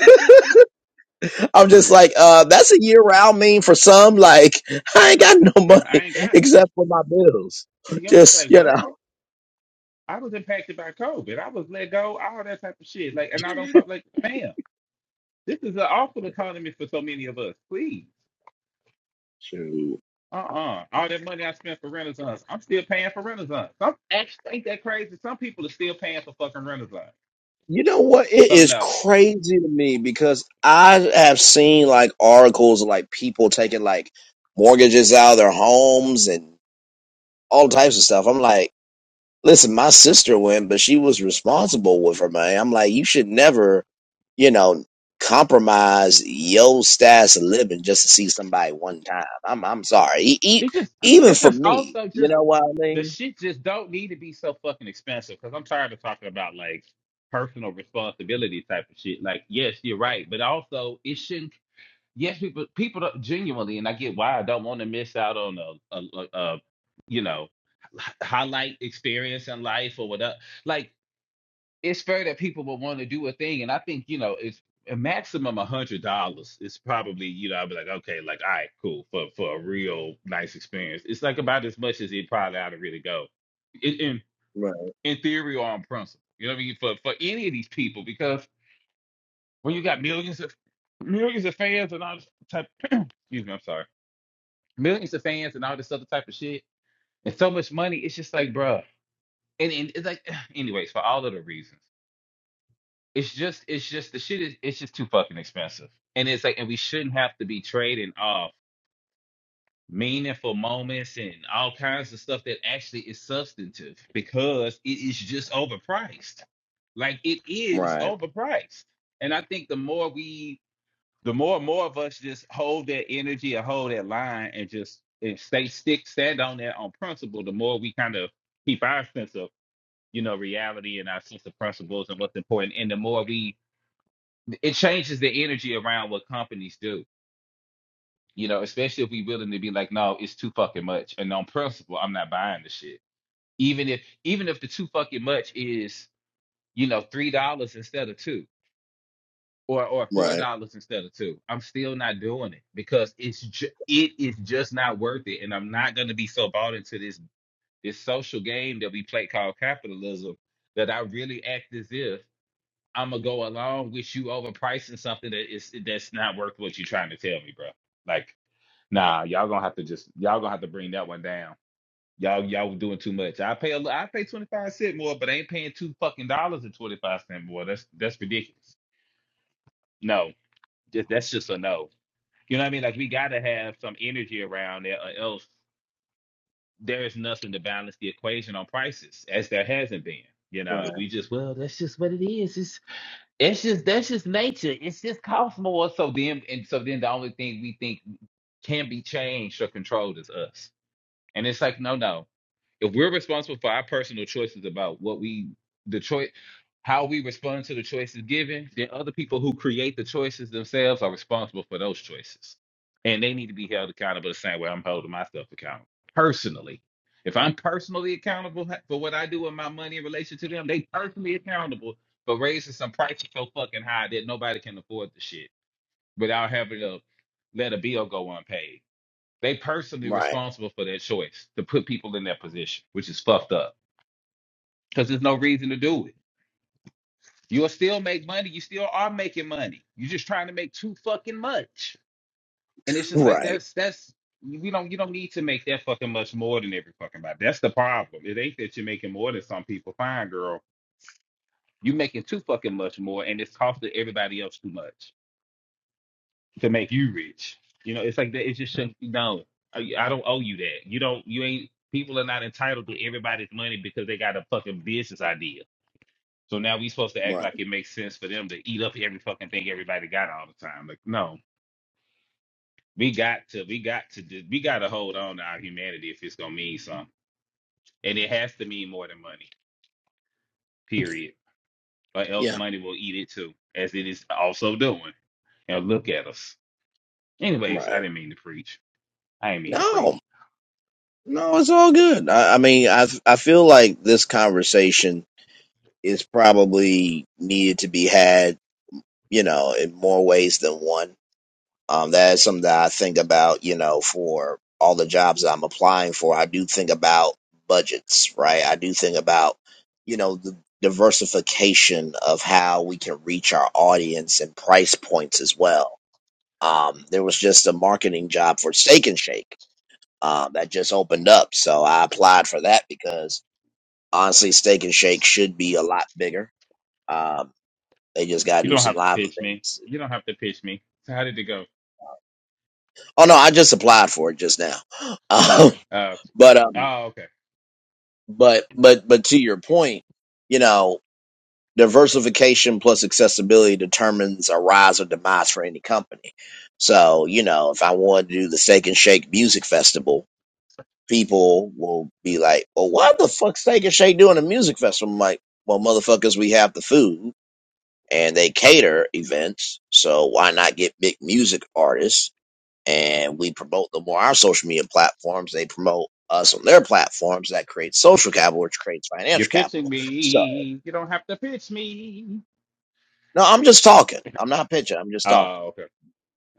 for I'm just real. like, uh, that's a year round meme for some. Like, I ain't got no Baby, I money ain't got it. except for my bills. See, y'all Just say, you what? know, I was impacted by COVID. I was let go, all that type of shit. Like, and I don't talk like, fam, this is an awful economy for so many of us. Please. shoot. Uh-uh. All that money I spent for Renaissance, I'm still paying for Renaissance. Some actually ain't that crazy. Some people are still paying for fucking Renaissance. You know what? It So is no. crazy to me because I have seen like articles of like people taking like mortgages out of their homes and all types of stuff. I'm like. Listen, my sister went, but she was responsible with her money. I'm like, you should never, you know, compromise your status of living just to see somebody one time. I'm I'm sorry. E- e- It just even it's for just me, also you just know what I the mean? shit just don't need to be so fucking expensive because I'm tired of talking about like personal responsibility type of shit. Like, yes, you're right, but also it shouldn't. Yes, people people don't, genuinely, and I get why I don't want to miss out on a, a, a, a you know h- highlight experience in life or whatever. Like it's fair that people would want to do a thing, and I think you know it's a maximum a hundred dollars. It's probably you know I'd be like okay, like all right, cool for for a real nice experience. It's like about as much as it probably ought to really go, in in, Right, in theory or on principle. You know what I mean for for any of these people because when you got millions of millions of fans and all this type, excuse me, I'm sorry, millions of fans and all this other type of shit and so much money, it's just like bruh. And, and it's like anyways for all of the reasons. it's just it's just the shit is it's just too fucking expensive. And it's like and we shouldn't have to be trading off meaningful moments and all kinds of stuff that actually is substantive because it is just overpriced. Like it is right, overpriced. And I think the more we the more and more of us just hold that energy and hold that line and just and stay stick stand on that on principle, the more we kind of keep our sense of, you know, reality and our sense of principles and what's important. And the more we it changes the energy around what companies do. You know, especially if we willing to be like, no, it's too fucking much, and on principle, I'm not buying the shit. Even if even if the too fucking much is you know three dollars instead of two, or or four right, dollars instead of two, I'm still not doing it because it's ju- it is just not worth it, and I'm not gonna be so bought into this this social game that we play called capitalism that I really act as if. I'm gonna go along with you overpricing something that is that's not worth what you're trying to tell me, bro. Like, nah, y'all gonna have to just y'all gonna have to bring that one down. Y'all y'all doing too much. I pay a li- I pay twenty five cent more, but I ain't paying two fucking dollars and twenty five cent more. That's that's ridiculous. No, just, that's just a no. You know what I mean? Like we gotta have some energy around there, or else there is nothing to balance the equation on prices, as there hasn't been. You know, right, if we just well, that's just what it is. It's just that's just nature. It's just cosmos. So then, and so then, the only thing we think can be changed or controlled is us. And it's like, no, no if we're responsible for our personal choices about what we the choice how we respond to the choices given then other people who create the choices themselves are responsible for those choices and they need to be held accountable the same way i'm holding myself accountable personally if i'm personally accountable ha- for what i do with my money in relation to them they personally accountable for raising some prices so fucking high that nobody can afford the shit without having to let a bill go unpaid they personally right, responsible for their choice to put people in their position, which is fucked up. Because there's no reason to do it. You'll still make money. You still are making money. You're just trying to make too fucking much. And it's just like right, that's that's we don't you don't need to make that fucking much more than every fucking body. That's the problem. It ain't that you're making more than some people. Fine, girl. You're making too fucking much more and it's costing everybody else too much. to make you rich. You know, it's like that. It just shouldn't. No, I, I don't owe you that. You don't. You ain't. People are not entitled to everybody's money because they got a fucking business idea. So now we supposed to act right. like it makes sense for them to eat up every fucking thing everybody got all the time. Like, no, we got to. We got to. do- We got to hold on to our humanity if it's gonna mean something, and it has to mean more than money. Period. Or else Yeah, money will eat it too, as it is also doing. Now look at us. Anyways, I right. didn't mean to preach. I didn't mean to preach. No, no, it's all good. I, I mean, I I feel like this conversation is probably needed to be had, you know, in more ways than one Um, that is something that I think about, you know, for all the jobs that I'm applying for. I do think about budgets, right? I do think about, you know, the diversification of how we can reach our audience and price points as well. Um, there was just a marketing job for Steak and Shake um, that just opened up. So I applied for that because honestly, Steak and Shake should be a lot bigger. Um, they just got You to do don't some have to live pitch me. events. You don't have to pitch me. So how did it go? Oh, no, I just applied for it just now. Um, Uh, but um, oh, okay. But but but to your point, you know, diversification plus accessibility determines a rise or demise for any company. So, you know, if I wanted to do the Steak and Shake Music Festival, people will be like, Well, why the fuck Steak and Shake doing a music festival? I'm like, well motherfuckers, we have the food and they cater events, so why not get big music artists? and we promote them on our social media platforms. They promote us on their platforms. That creates social capital, which creates You're financial pitching capital. So, me. You don't have to pitch me. no, I'm just talking. I'm not pitching. I'm just talking. Oh, okay.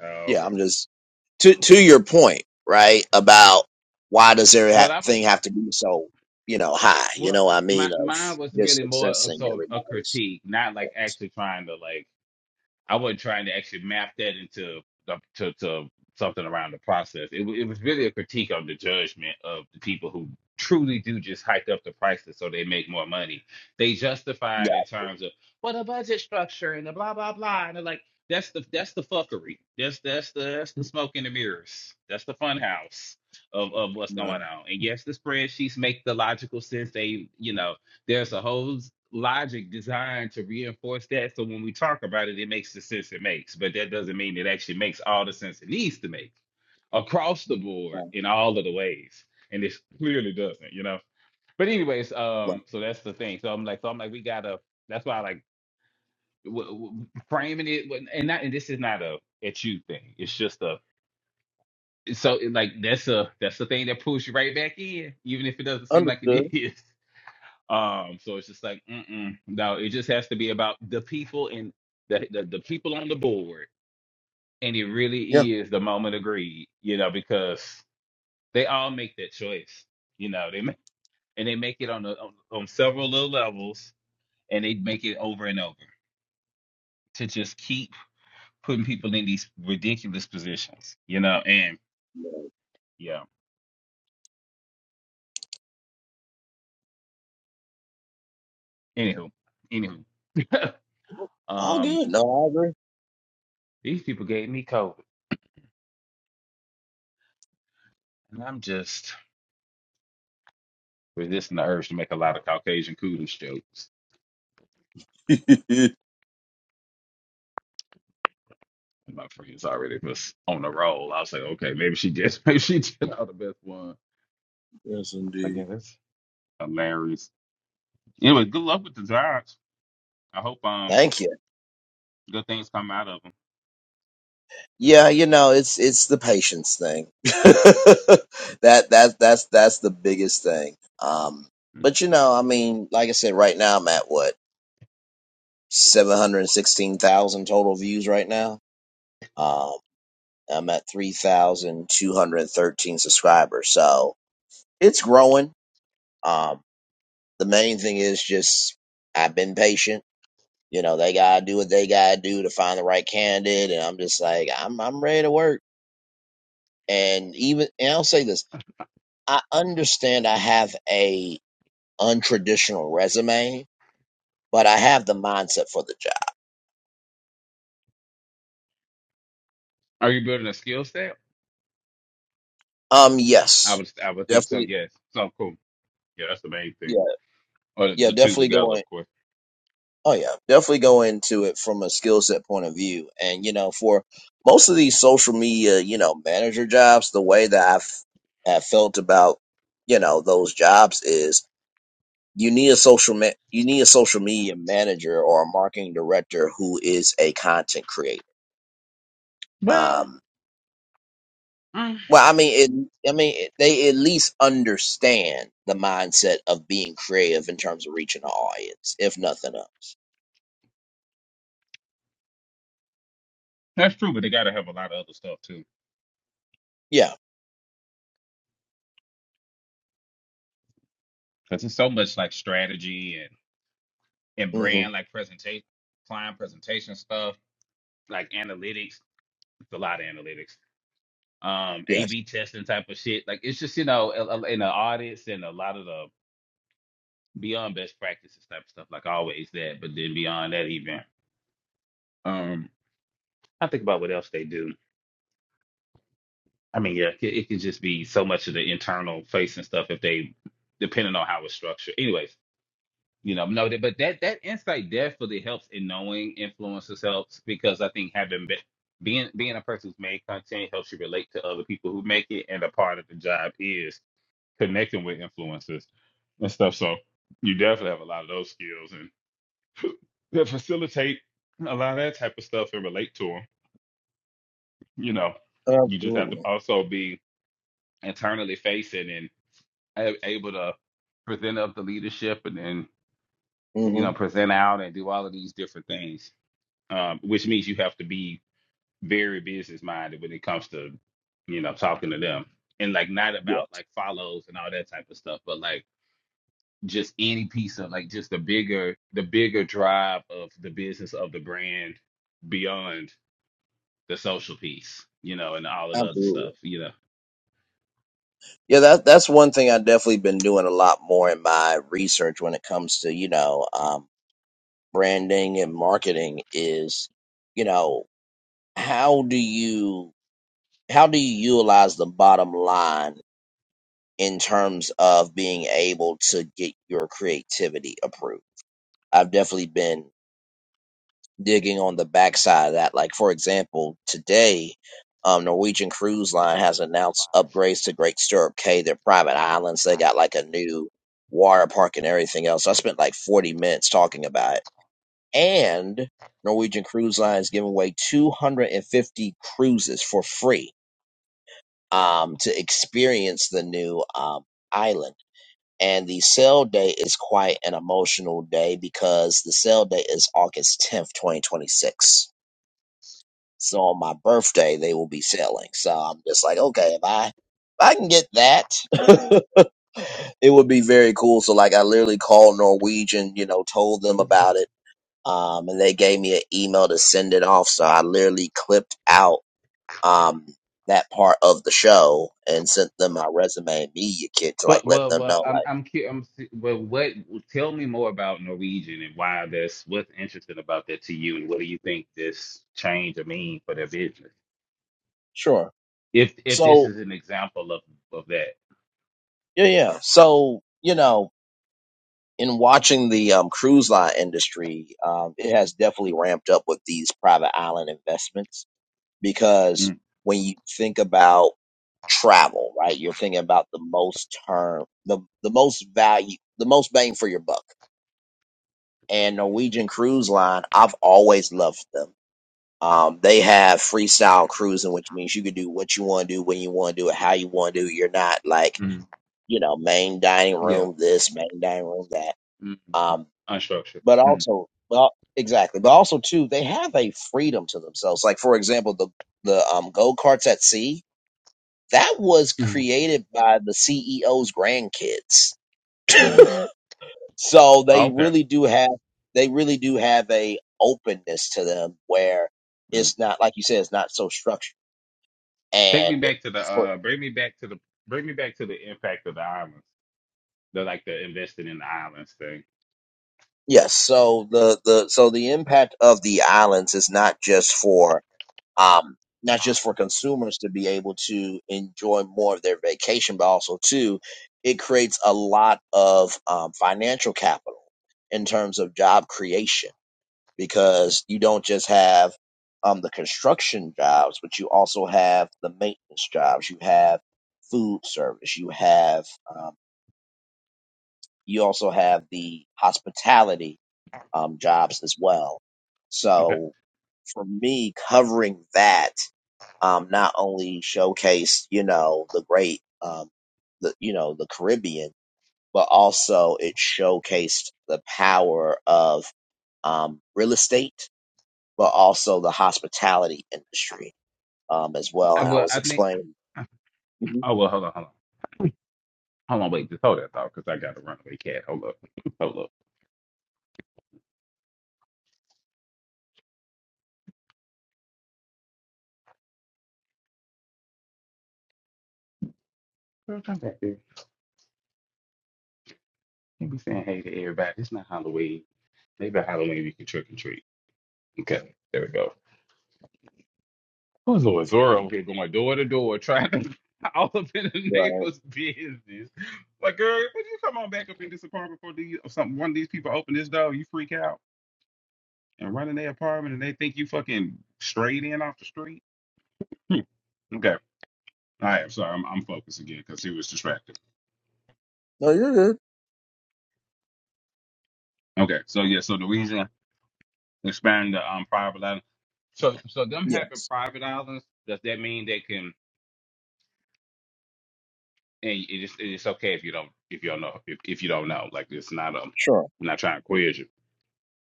Oh, Yeah, okay. I'm just to to your point, right? About why does Well, I was everything have to be so you know high? You well, know, what I my mean, of mine was just really more of accessing sort of a everybody's. critique, not like actually trying to like. I wasn't trying to actually map that into the- to, to something around the process. It, wa- it was really a critique of the judgment of the people who truly do just hike up the prices so they make more money. They Yeah, justified in terms of well the budget structure and the blah blah blah and they're like that's the that's the fuckery. That's that's the that's the smoke in the mirrors. That's the fun house of, of what's going right, on. And yes, the spreadsheets make the logical sense. They you know there's a whole logic designed to reinforce that. So when we talk about it, it makes the sense it makes, but that doesn't mean it actually makes all the sense it needs to make across the board right, in all of the ways. And it clearly doesn't, you know. But anyways, right. um, so that's the thing. So I'm like, so I'm like, we gotta. That's why I like w- w- framing it, when- and not. And this is not a at you thing. It's just a. So it, like that's a that's the thing that pulls you right back in, even if it doesn't seem like Understood. it is. Um, so it's just like, mm-mm. no, it just has to be about the people and the, the the people on the board, and it Yeah, really is the moment of greed, you know, because they all make that choice, you know, they make and they make it on the on, on several little levels, and they make it over and over to just keep putting people in these ridiculous positions, you know, and yeah, anywho, anywho, all um, good. No, these people gave me COVID, and I'm just. resisting the urge to make a lot of Caucasian kudos jokes. I agree. And my friends already was on a roll. I was like, okay, maybe she just maybe she did not the best one. I yes, was like, yeah, indeed. that's hilarious. Anyway, good luck with the jobs. I hope um Thank you. good things come out of Yeah, you know, it's it's the patience thing. that that that's that's the biggest thing. Um, them. but you know, I mean, like I said, right now I'm at what seven hundred sixteen thousand total views right now. Um, I'm at three thousand two hundred thirteen subscribers, so it's growing. Um, the main thing is just I've been patient. You know, they gotta do what they gotta do to find the right candidate, and I'm just like, I'm I'm ready to work. And even and I'll say this I understand I have a untraditional resume, but I have the mindset for the job. Are you building a skill set? Um, I yes, would I would think so. definitely. Yes. So cool. Yeah, that's the main thing. Yeah, Or the, yeah, the two definitely together, of going. course. Oh yeah, definitely go into it from a skill set point of view. And you know, for most of these social media, you know, manager jobs, the way that I've have felt about you know those jobs is you need a social ma- you need a social media manager or a marketing director who is a content creator. Well, Um. mm, Well, I mean, it, I mean, it, they at least understand the mindset of being creative in terms of reaching an audience, if nothing else. that's true, but they got to have a lot of other stuff too, Yeah. because it's so much like strategy and and hmm brand like presentation, client presentation stuff like analytics. It's a lot of analytics. Um, Yes. A/B testing type of shit. Like it's just you know a- a- in the audits and a lot of the beyond best practices type of stuff. Like always that, but then beyond that even. Um, I think about what else they do. I mean, yeah, it, it could just be so much of the internal facing stuff if they, depending on how it's structured. Anyways, you know no that- but that that insight definitely helps in knowing influencers helps because i think having been being being a person who's made content helps you relate to other people who make it and a part of the job is connecting with influencers and stuff so you definitely have a lot of those skills and that facilitate a lot of that type of stuff and relate to them you know you just have to Absolutely. also be internally facing and a- able to present up the leadership and then you hmm know present out and do all of these different things um, which means you have to be very business minded when it comes to you know talking to them and like not about Yes. like follows and all that type of stuff but like just any piece of like just the bigger the bigger drive of the business of the brand beyond the social piece you know and all of the other Absolutely. stuff you know Yeah. That that's one thing I've definitely been doing a lot more in my research when it comes to you know um, branding and marketing is you know how do you how do you utilize the bottom line in terms of being able to get your creativity approved. I've definitely been digging on the backside of that. Like, for example, today, um, Norwegian Cruise Line has announced upgrades to Great Stirrup Cay, their private islands. They got like a new water park and everything else. So I spent like 40 minutes talking about it. And Norwegian Cruise Line is giving away 250 cruises for free um, to experience the new um, island And the sale day is quite an emotional day because the sale day is August 10th, 2026. So on my birthday, they will be selling. So I'm just like, okay, if I, if I can get that, it would be very cool. So like I literally called Norwegian, you know, told them about it. Um, and they gave me an email to send it off. So I literally clipped out, um, that part of the show and sent them my resume and media kit to like well let well them well know, i'm like, i'm cu- i'm s- well what tell me more about norwegian and why that's what's interesting about that to you and what do you think this change will mean for their business sure. if if So this is an example of of that. Yeah, yeah. So, you know, in watching the um, cruise line industry, um, it has definitely ramped up with these private island investments because mm when you think about travel, right, you're thinking about the most term, the, the most value, the most bang for your buck. And Norwegian Cruise Line, I've always loved them. Um, they have freestyle cruising, which means you can do what you want to do, when you want to do it, how you want to do it. You're not like, mm you know, main dining Yeah. room this, main dining room that mm mm. Um, Unstructured. but mm also, well, exactly. But also too, they have a freedom to themselves. Like for example, the the um, go karts at sea that was mm created by the CEO's grandkids. mm. So they Okay. really do have they really do have a openness to them where Mm. it's not like you said it's not so structured. Take me And back to the for uh, bring me back to the bring me back to the impact of the islands. The like the investing in the islands thing. yes, so the the so the impact of the islands is not just for um, not just for consumers to be able to enjoy more of their vacation, but also too, it creates a lot of um, financial capital in terms of job creation because you don't just have um, the construction jobs, but you also have the maintenance jobs. You have food service. You have um, you also have the hospitality um, jobs as well. Okay. So for me, covering that um, not only showcased, you know, the great, um, the, you know, the Caribbean, but also it showcased the power of, um, real estate, but also the hospitality industry, um, as well. I And I well was I think. explaining. Mhm. Oh well, hold on, hold on. Hold on, wait, just hold that thought, because I got a runaway cat. Hold up. Hold up. Girl, come back here. You be saying hey to everybody. It's not Halloween. Maybe Halloween we can trick and treat. Okay, there we go. Oh, Lord, Zora over here going door to door trying to all up in the Right. neighbor's business. Like, girl, would you come on back up in this apartment before these, or something? One of these people open this door, you freak out and run in their apartment and they think you fucking straight in off the street. Okay. All right. I'm sorry. I'm, I'm focused again because he was distracted. No, you're good. Okay. So, yeah. So, the reason expanding the um, private island. So, so them having Yes. private islands, does that mean they can, and it is, it's okay if you don't, if you don't know, if, if you don't know, like, it's not a, I'm Sure. not trying to quiz you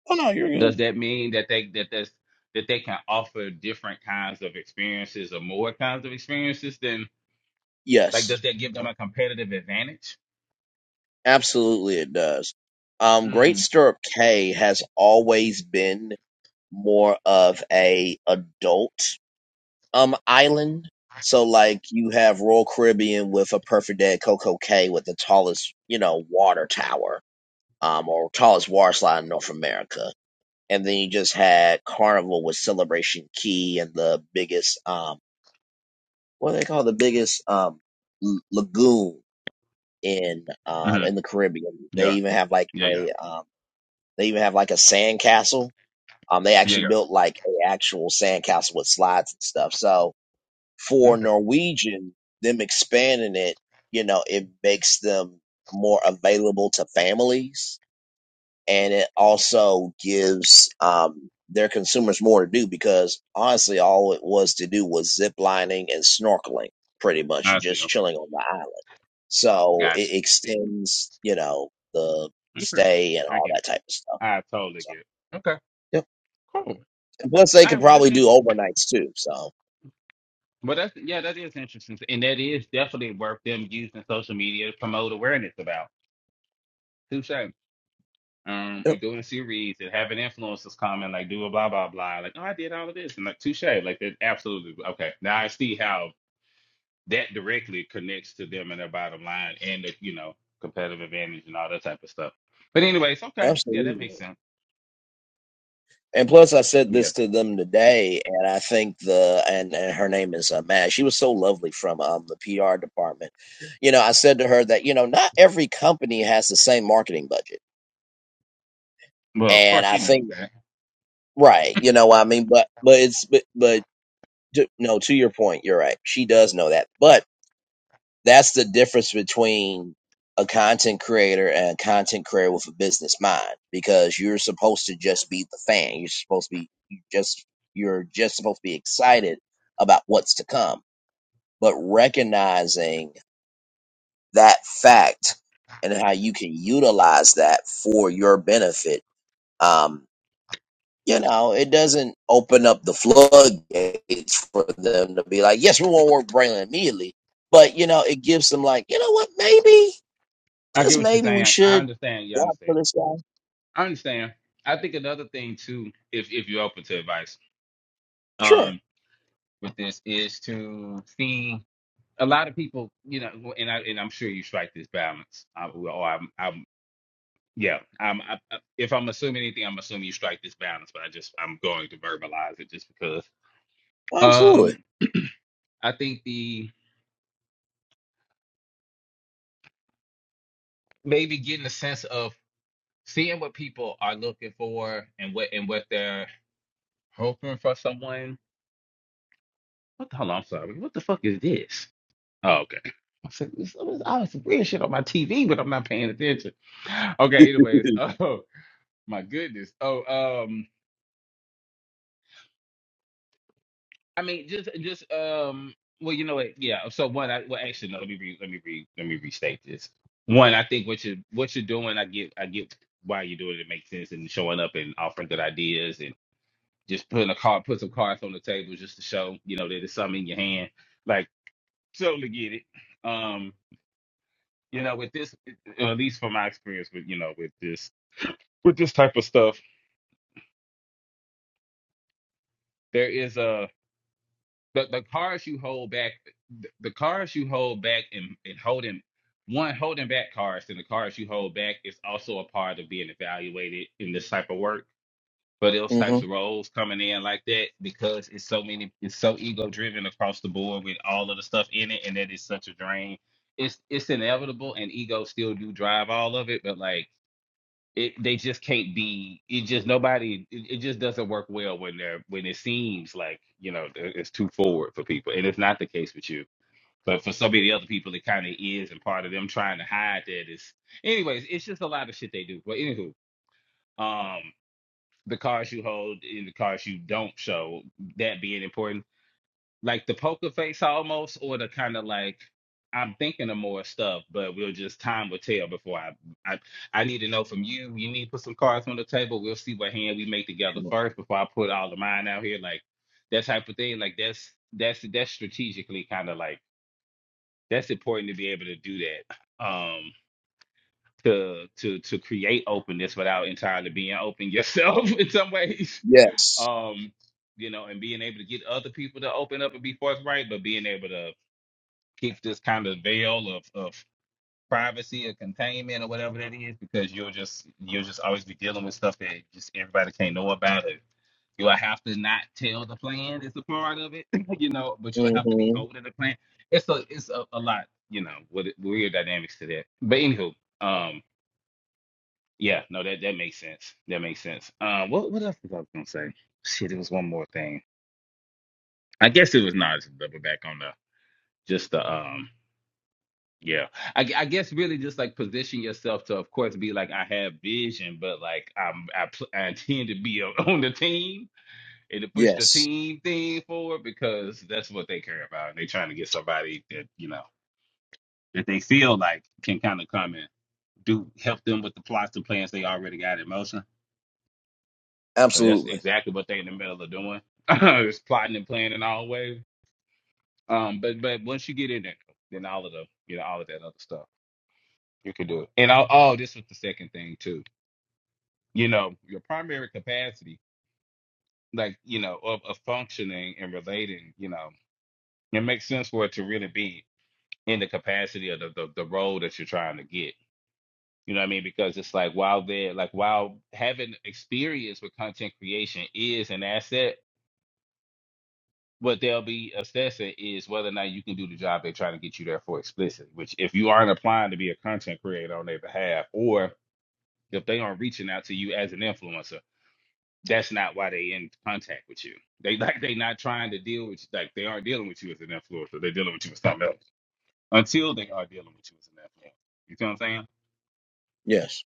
Oh, no, you're good. Does that mean that they that that's that they can offer different kinds of experiences or more kinds of experiences than like Yes. does that give them a competitive advantage? Absolutely. It does. Um, Great Mm. Stirrup K has always been more of a adult um island. So like you have Royal Caribbean with a perfect day at Coco Cay with the tallest, you know, water tower, um, or tallest water slide in North America. And then you just had Carnival with Celebration Key and the biggest um what do they call the biggest um l- lagoon in um hmm in the Caribbean. They Yeah. even have like Yeah. Yeah. a um they even have like a sand castle. Um they Yeah. actually built like a actual sand castle with slides and stuff. So Yeah. for Okay. Norwegian, them expanding it, you know, it makes them more available to families and it also gives um, their consumers more to do because honestly, all it was to do was zip lining and snorkeling pretty much, I and see. just Okay. chilling on the island. So Gotcha. it extends, you know, the Okay. stay and I all get it. that type of stuff. I totally So, get it. Okay. yep. Cool. All And plus, they could right. Well, that's probably do interesting. overnights too. So, But that's yeah, that is interesting, and that is definitely worth them using social media to promote awareness about. Touche. um, or yep, doing a series and having influencers come and like do a blah blah blah, like oh I did all of this and like touche, like that absolutely okay. Now I see how that directly connects to them and their bottom line and the you know competitive advantage and all that type of stuff. But anyways, okay, yeah, that absolutely. makes sense. And plus, I said Yeah, this to them today, and I think the and, and her name is uh, Matt. She was so lovely from um, the PR department. You know, I said to her that you know not every company has the same marketing budget, well of and course I she knows think that. right. You know, what I mean, but but it's but but to, no. To your point, you're right. She does know that, but That's the difference between a content creator and a content creator with a business mind because you're supposed to just be the fan. You're supposed to be you just you're just supposed to be excited about what's to come, but recognizing that fact and how you can utilize that for your benefit. Um, you know, it doesn't open up the floodgates for them to be like, yes, we want to work with Braylon immediately. But, you know, it gives them like, you know what, maybe. I get just what you're maybe we saying. I should understand. You watch for understand. this guy. I understand. I think another thing too, if if you're open to advice, Sure, um, with this is to see. a lot of people, you know, and I and I'm sure you strike this balance. I, or I'm, I'm, yeah, I'm. I, I- if I'm assuming anything, I'm assuming you strike this balance. But I just, I'm going to verbalize it just because. absolutely. Um, I think the maybe getting a sense of seeing what people are looking for and what and what they're hoping for someone. What the hell? I'm sorry. What the fuck is this? Oh, okay. I said, this, this, I was weird shit on my TV, but I'm not paying attention. Okay, anyways. Oh, my goodness. Oh, um, I mean, just just um. Well, you know what? Yeah. So one, I well actually no. Let me re, let me re, let me restate this. One, I think what you what you're doing, I get I get why you're doing it. It makes sense and showing up and offering good ideas and just putting a card, put some cards on the table just to show you know that it's something in your hand. Like totally get it. Um, you know, with this, at least from my experience with you know with this with this type of stuff, there is a. the the cards you hold back the, the cards you hold back and, and holding one holding back cards and the cards you hold back is also a part of being evaluated in this type of work for those hmm types of roles coming in like that because it's so many it's so ego driven across the board with all of the stuff in it and that is such a drain it's it's inevitable and ego still do drive all of it but like it they just can't be it just nobody it, it just doesn't work well when they're when it seems like you know it- it's too forward for people and it's not the case with you but for so many other people it kind of is and part of them trying to hide that is anyways it's just a lot of shit they do but anywho um the cards you hold and the cards you don't show that being important like the poker face almost, or the kind of like I'm thinking of more stuff, but we'll just time will tell before I I I need to know from you. You need to put some cards on the table. We'll see what hand we make together first before I put all of mine out here. Like that type of thing. Like that's that's that's strategically kind of like that's important to be able to do that. Um to to to create openness without entirely being open yourself in some ways. Yes. Um, you know, and being able to get other people to open up and be forthright, but being able to keep this kind of veil of, of privacy or containment or whatever that is because you'll just you'll just always be dealing with stuff that just everybody can't know about it. You'll have to not tell the plan is a part of it, you know, but you'll have to be hmm holding the plan. It's a it's a, a lot, you know, with weird dynamics to that. But anywho, um yeah, no, that that makes sense. That makes sense. Uh, what what else was I gonna say? Shit, it was one more thing. I guess it was not double back on the just the um Yeah, I, g- I guess really just like position yourself to, of course, be like I have vision, but like I'm I, pl- I intend to be on on the team and to push the Yes. team thing forward because that's what they care about. And They're trying to get somebody that you know that they feel like can kind of come and do help them with the plots and plans they already got in motion. So that's Absolutely. exactly what they are in the middle of doing. It's plotting and planning always. Um, but but once you get in there, then all of the you know all of that other stuff you can do it. And i oh, this was the second thing too you know, your primary capacity, like, you know, of, of functioning and relating, you know, it makes sense for it to really be in the capacity of the, the, the role that you're trying to get. You know what I mean? Because it's like while they're like while having experience with content creation is an asset, what they'll be assessing is whether or not you can do the job they're trying to get you there for explicitly, which if you aren't applying to be a content creator on their behalf or if they aren't reaching out to you as an influencer that's not why they in contact with you. They like they not trying to deal with you. like they aren't dealing with you as an influencer. They're dealing with you as something else until they are dealing with you as an influencer. You see what I'm saying? Yes.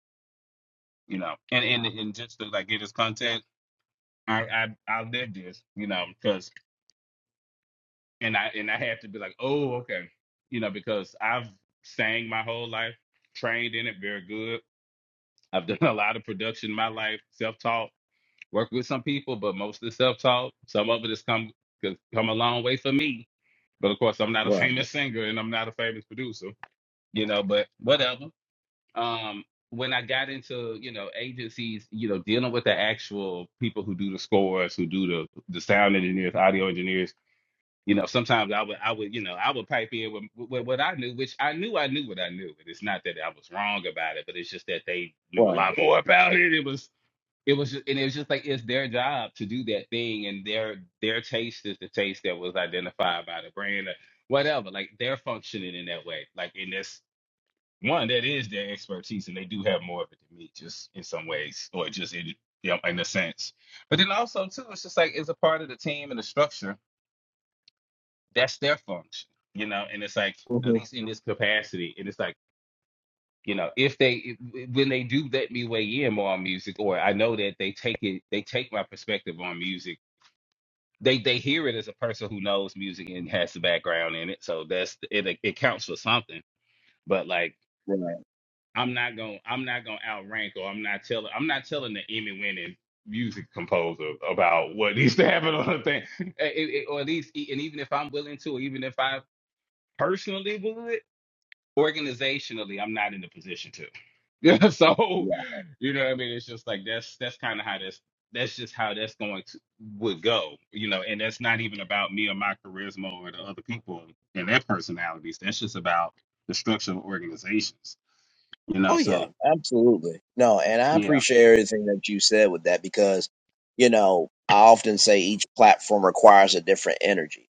You know, and and and just to like get this context, I I I lived this, you know, because and I and I had to be like, oh okay, you know, because I've sang my whole life, trained in it very good. I've done a lot of production in my life, self taught, worked with some people, but mostly self taught. Some of it has come come a long way for me But of course, I'm not a Right. famous singer and I'm not a famous producer, you know, but whatever. Um, when I got into, you know, agencies, you know, dealing with the actual people who do the scores, who do the the sound engineers, audio engineers, you know, sometimes I would I would, you know, I would pipe in with, with what I knew, which I knew I knew what I knew. And it's not that I was wrong about it, but it's just that they knew a Right. lot more about it. It was it was just, and it was just like it's their job to do that thing and their their taste is the taste that was identified by the brand or whatever like they're functioning in that way like in this one that is their expertise and they do have more of it than me just in some ways or just in you know, in a sense but then also too it's just like it's a part of the team and the structure that's their function you know and it's like at hmm least in this capacity and it's like you know if they when they do let me weigh in more on music or i know that they take it they take my perspective on music they they hear it as a person who knows music and has the background in it so that's it it counts for something but like Right. i'm not gonna i'm not gonna outrank or i'm not telling i'm not telling the emmy winning music composer about what needs to happen on a thing Eh, eh, eh, or at least e, and even if i'm willing to or even if i personally would organizationally I'm not in a position to. Yeah, Yeah. so you know what I mean. It's just like that's that's kind of how that's that's just how that's going to would go. You know, and that's not even about me or my charisma or the other people and their personalities. That's just about the structure of organizations. You know, Oh yeah. so Absolutely. No, and I yeah, appreciate everything that you said with that because, you know, I often say each platform requires a different energy,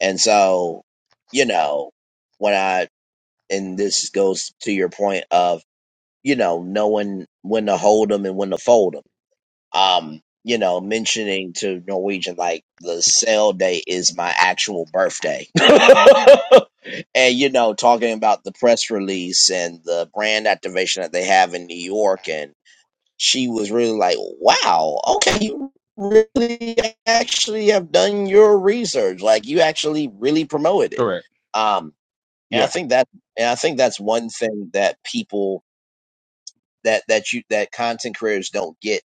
and so, you know, when I and this goes to your point of you know knowing when to hold them and when to fold them. um, you know, mentioning to Norwegian like the sale day is my actual birthday. and you know, talking about the press release and the brand activation that they have in New York and she was really like, "Wow, okay, you really actually have done your research. Like you actually really promoted it." correct. Um and I Yeah, think that and I think that's one thing that people that that you that content creators don't get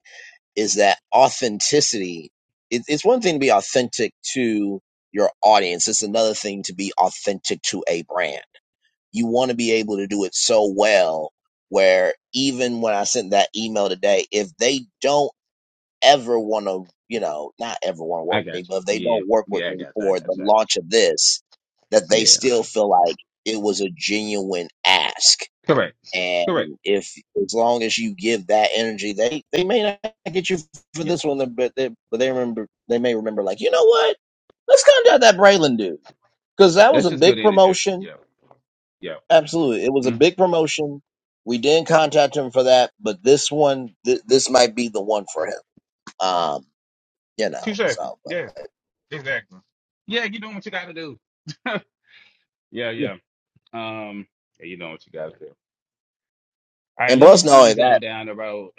is that authenticity it, it's one thing to be authentic to your audience it's another thing to be authentic to a brand you want to be able to do it so well where even when i sent that email today if they don't ever want to you know not ever want to work I with me got but if they you. don't work with Yeah, yeah, I me got you. I for the got you. I got launch of this that you. they Yeah, still feel like it was a genuine ask correct. Correct. and if as long as you give that energy, they they may not get you for Yeah, this one, but they but they remember they may remember like you know what, let's contact that Braylon dude because that was that's a just good big energy. promotion. Yeah, yeah. Absolutely, it was a Mm. big promotion. We didn't contact him for that, but this one, th- this might be the one for him. Um, you know, Touche. so but Yeah. Exactly. Yeah, you doing what you gotta do. yeah, yeah. yeah. Um, yeah, you know what you gotta do. All right, And let me plus, not only ease on that. down the road.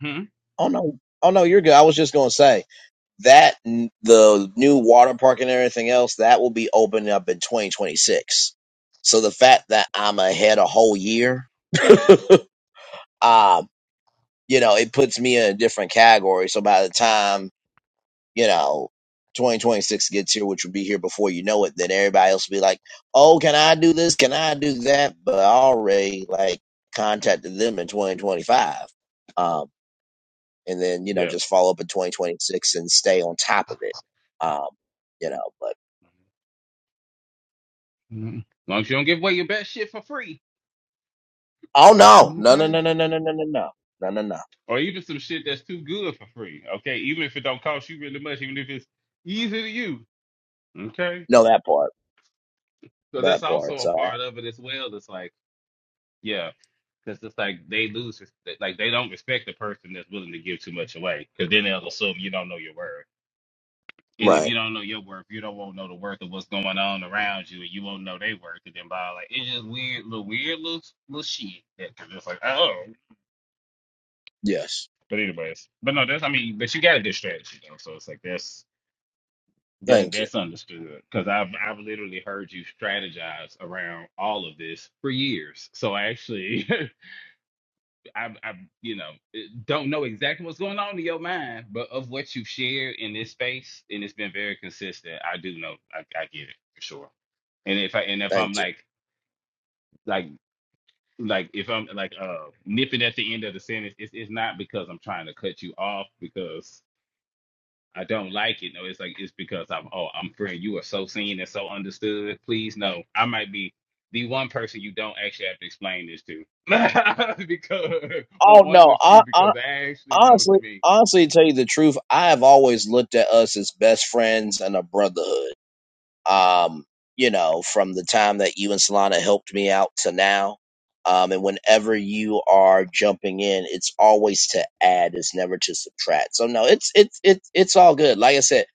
Hmm? Oh no, oh no, you're good. I was just gonna say. That n- the new water park and everything else that will be opening up in 2026. So the fact that I'm ahead a whole year, um, you know, it puts me in a different category. So by the time you know 2026 gets here, which will be here before you know it, then everybody else will be like, "Oh, can I do this? Can I do that?" But I already like contacted them in 2025 and then you know Yeah. just follow up in 2026 and stay on top of it. Um, you know, but Mhm. long as you don't give away your best shit for free. oh no, no, no, Okay. no, no, no, no, no, no, no, no, no, no, Or even some shit that's too good for free. Okay. Even if it don't cost you really much, even if it's easy to you. Okay. no, that part, So that's that part. also a So part of it as well. It's like, yeah, because it's like they lose, res- like they don't respect the person that's willing to give too much away. Because then they'll assume you don't know your worth. And if right, you don't know your worth, you don't won't know the worth of what's going on around you, and you won't know their worth. And then by like, it's just weird, little weird little little shit. That, cause it's like, oh. yes, But anyways, but no, that's I mean, but you got a good strategy though, so it's like that's that thank you, that's understood. Cause I've I've literally heard you strategize around all of this for years. So actually, I, I, you know, eh, don't know exactly what's going on in your mind, but of what you've shared in this space, and it's been very consistent. I do know, I, I get it for sure. And if I, and if I'm thank you. like, like, like, if I'm like, uh, nipping at the end of the sentence, it's, it's not because I'm trying to cut you off, because I don't like it. No, it's like it's because I'm oh I'm friend. You are so seen and so understood. Please no, I might be the one person you don't actually have to explain this to because or Oh one of the no, few I, I because I actually know what honestly, you mean. honestly, to tell you the truth, I have always looked at us as best friends and a brotherhood. um, you know, from the time that you and Solana helped me out to now. Um, and whenever you are jumping in, it's always to add, it's never to subtract. So no, it's it's it's it's all good. Like I said,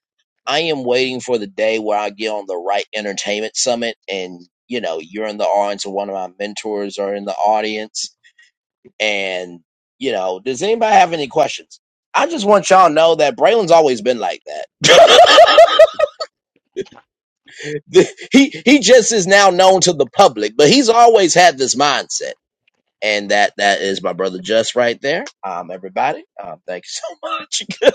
I am waiting for the day where I get on the right entertainment summit and you know, you're in the audience or one of my mentors are in the audience. And, you know, does anybody have any questions? I just want y'all to know that Braylon's always been like that. The, he he just is now known to the public, but he's always had this mindset. And that that is my brother just right there. Um, everybody, um, thank you so much.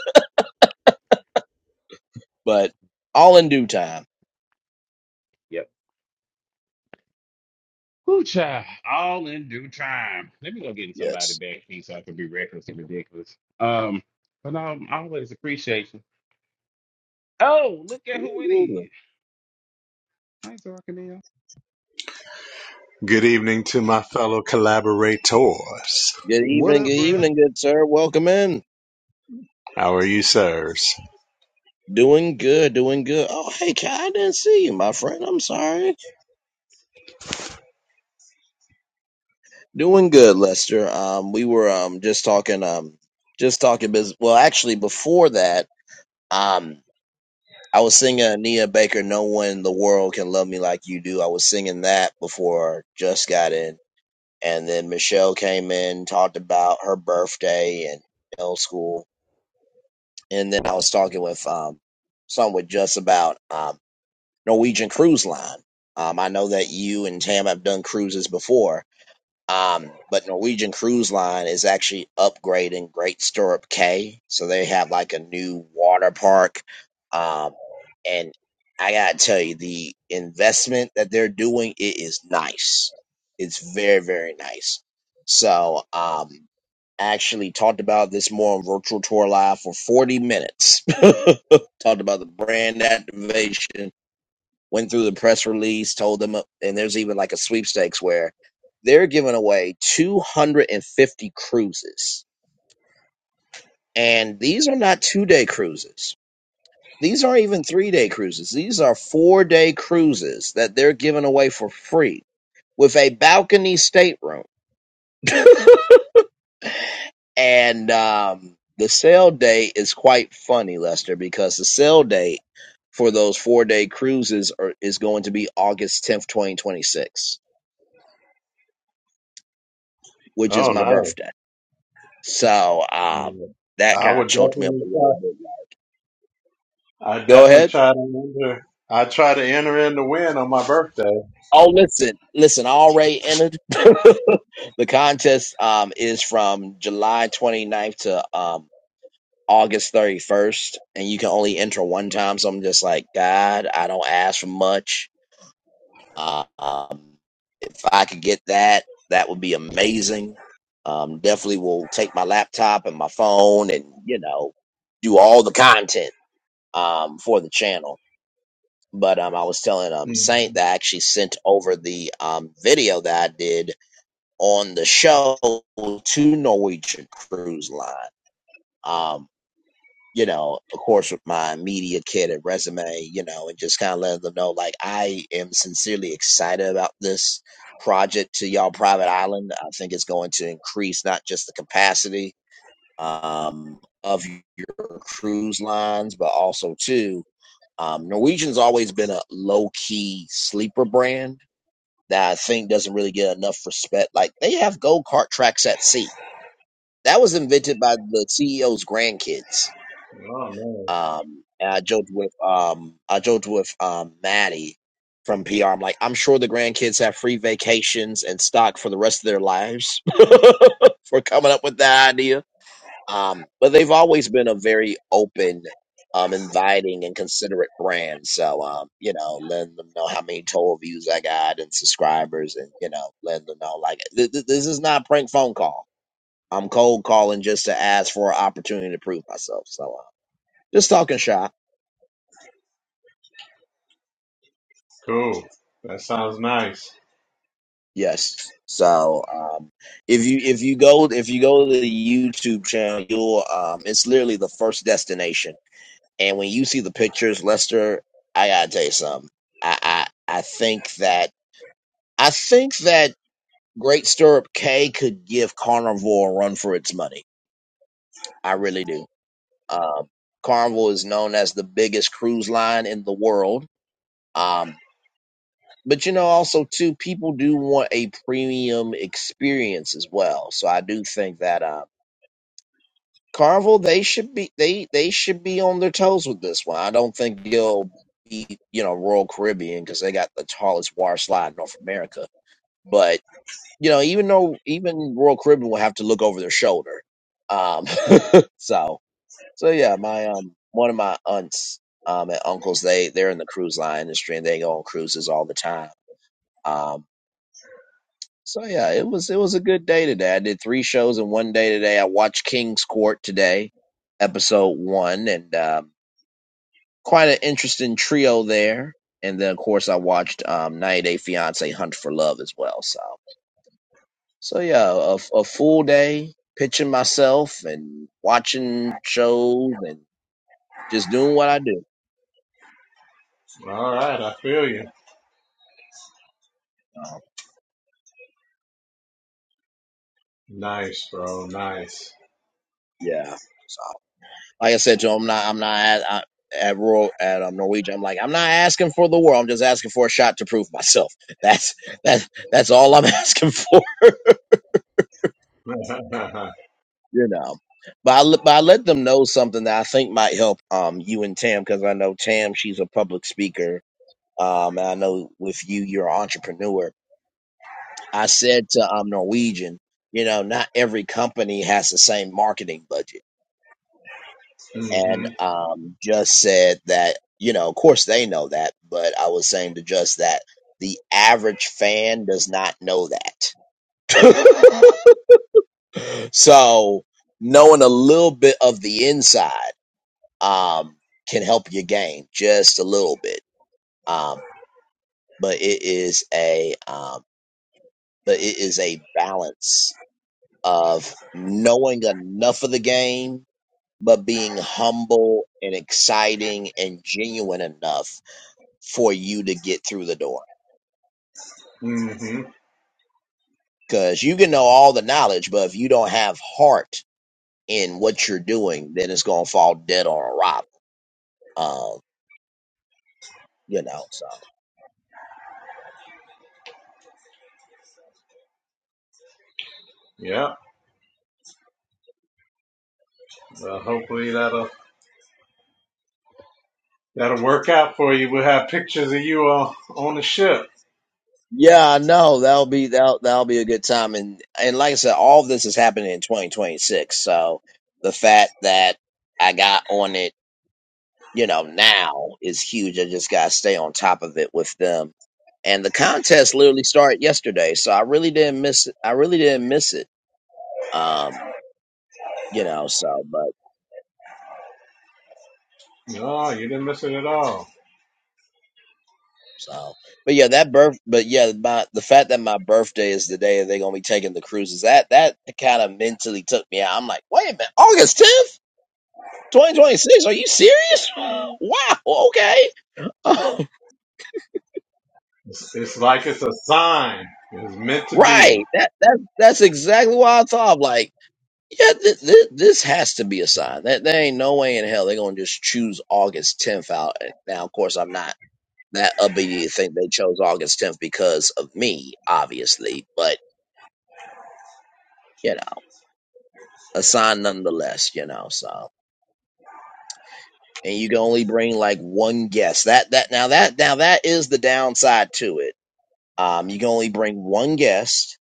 but all in due time. Yep. Woo child, all in due time. Let me go get somebody Yes. back here so I can be reckless and ridiculous. Um, but no, I always appreciate you. Oh, look at who it Absolutely. is. Thanks, Arcanine. Good evening to my fellow collaborators. Good What evening, good up, bro? evening, good sir. Welcome in. How are you, sirs? Doing good, doing good. Oh, hey, Kai, I didn't see you, my friend. I'm sorry. Doing good, Lester. Um, we were um just talking um just talking business. Well, actually, before that, um I was singing Ania Baker, No One in the World Can Love Me Like You Do. I was singing that before Just got in. And then Michelle came in, talked about her birthday and middle school. And then I was talking with um someone with Just about um Norwegian Cruise Line. Um, I know that you and Tam have done cruises before um, but Norwegian Cruise Line is actually upgrading Great Stirrup Cay, so they have like a new water park. Um, and I gotta tell you, the investment that they're doing it is nice. It's very very nice. So um, actually talked about this more on Virtual Tour Live for 40 minutes. talked about the brand activation went through the press release, told them, uh, and there's even like a sweepstakes where they're giving away 250 cruises. And these are not two day cruises. These aren't even three day cruises. These are four day cruises that they're giving away for free with a balcony stateroom. and um, the sale date is quite funny, Lester, because the sale date for those four day cruises are, is going to be August 10th, 2026, which is Oh my no, birthday. So um, Uh, that I kind would of choked me up a definitely try. little bit. I Go definitely ahead. try to enter. I try to enter in the win on my birthday. Oh, listen, listen. I already entered the contest. Um, is from July 29th to um August 31st, and you can only enter one time. So I'm just like, God, I don't ask for much. Uh, um, if I could get that, that would be amazing. Um, definitely will take my laptop and my phone, and you know, do all the content um for the channel but um, I was telling um Saint Mhm. that I actually sent over the um video that I did on the show to Norwegian Cruise Line. Um, you know, of course, with my media kit and resume, you know, and just kind of letting them know like I am sincerely excited about this project to y'all private island. I think it's going to increase not just the capacity um of your cruise lines, but also too um, Norwegian's always been a low key sleeper brand that I think doesn't really get enough respect. Like they have go kart tracks at sea. That was invented by the CEO's grandkids. Oh man, Um, and I joked with um, I joked with um, Maddie from PR. I'm like, I'm sure the grandkids have free vacations and stock for the rest of their lives for coming up with that idea. Um, but they've always been a very open, um, inviting and considerate brand. So, um, you know, letting them know how many total views I got and subscribers and, you know, letting them know like th- th- this is not a prank phone call. I'm cold calling just to ask for an opportunity to prove myself. So, uh, just talking shop. cool. That sounds nice. Yes. So, um, if you if you go if you go to the YouTube channel, you'll um, it's literally the first destination And when you see the pictures, Lester, I gotta tell you something. I I, I think that I think that Great Stirrup K could give Carnival a run for its money. I really do. Um, Carnival is known as the biggest cruise line in the world. Um, but you know, also too, people do want a premium experience as well. So I do think that. um, Carvel, they should be they they should be on their toes with this one. I don't think they will be you know Royal Caribbean because they got the tallest water slide in North America. But you know, even though even Royal Caribbean will have to look over their shoulder. Um, so so yeah, my um one of my aunts um and uncles they they're in the cruise line industry and they go on cruises all the time. Um. So yeah, it was it was a good day today. I did three shows in one day today. I watched King's Court today, episode one, and um, quite an interesting trio there. And then of course I watched um, 90 Day Fiance Hunt for Love as well. So so yeah, a, a full day pitching myself and watching shows and just doing what I do. All right, I feel you. Um, Nice, bro. Nice. yeah. So. Like I said to him, I'm not, I'm not at, I, at Royal at um, Norwegian. I'm like, I'm not asking for the world. I'm just asking for a shot to prove myself. That's that's that's all I'm asking for, you know. But I, let- but I let them know something that I think might help um you and Tam because I know Tam she's a public speaker um and I know with you you're an entrepreneur. I said to um Norwegian, you know, not every company has the same marketing budget and mhm. um, just said that you know, of course, they know that, but I was saying to just that the average fan does not know that. so knowing a little bit of the inside um, can help your game just a little bit, um, but it is a um, but it is a balance of knowing enough of the game. But being humble and exciting and genuine enough for you to get through the door. Mhm. Because you can know all the knowledge, but if you don't have heart in what you're doing, then it's gonna fall dead on arrival. Um, you know, so Yep. Well, hopefully that'll that'll work out for you. We'll have pictures of you all on the ship. yeah, I know that'll be that'll that'll be a good time. And and like I said, all of this is happening in 2026. So the fact that I got on it, you know, now is huge. I just gotta stay on top of it with them. And the contest literally started yesterday, so I really didn't miss it. I really didn't miss it. Um, you know. So, but No, you didn't miss it at all. so, but yeah, that birth, but yeah, my the fact that my birthday is the day they're gonna be taking the cruises. That that kind of mentally took me out. I'm like, wait a minute, August tenth, twenty twenty six. Are you serious? Wow. Okay. It's, it's like it's a sign. It's meant to be. right. That that that's exactly why I thought. I'm Like, yeah, th- th- this has to be a sign. That there ain't no way in hell they're gonna just choose August tenth out. Now, of course, I'm not. That upbeat to think they chose August 10th because of me, obviously, but you know. a sign nonetheless, you know. So, and you can only bring like one guest. That that now that now that is the downside to it. Um, you can only bring one guest,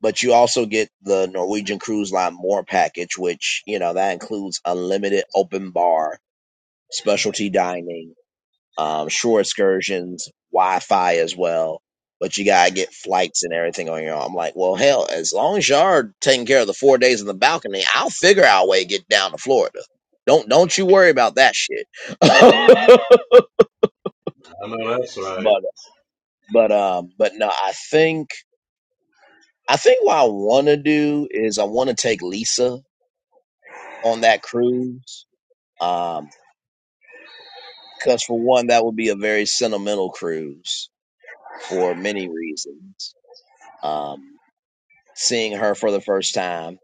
but you also get the Norwegian Cruise Line More package, which you know that includes unlimited open bar, specialty dining. um, shore excursions, Wi-Fi as well. But you gotta get flights and everything on your own. I'm like, well, hell, as long as y'all are taking care of the four days in the balcony, I'll figure out a way to get down to Florida. Don't don't you worry about that shit. but I know that's right. but um but no, I think I think what I want to do is I want to take Lisa on that cruise. Um, because for one, that would be a very sentimental cruise for many reasons. Um. seeing her for the first time,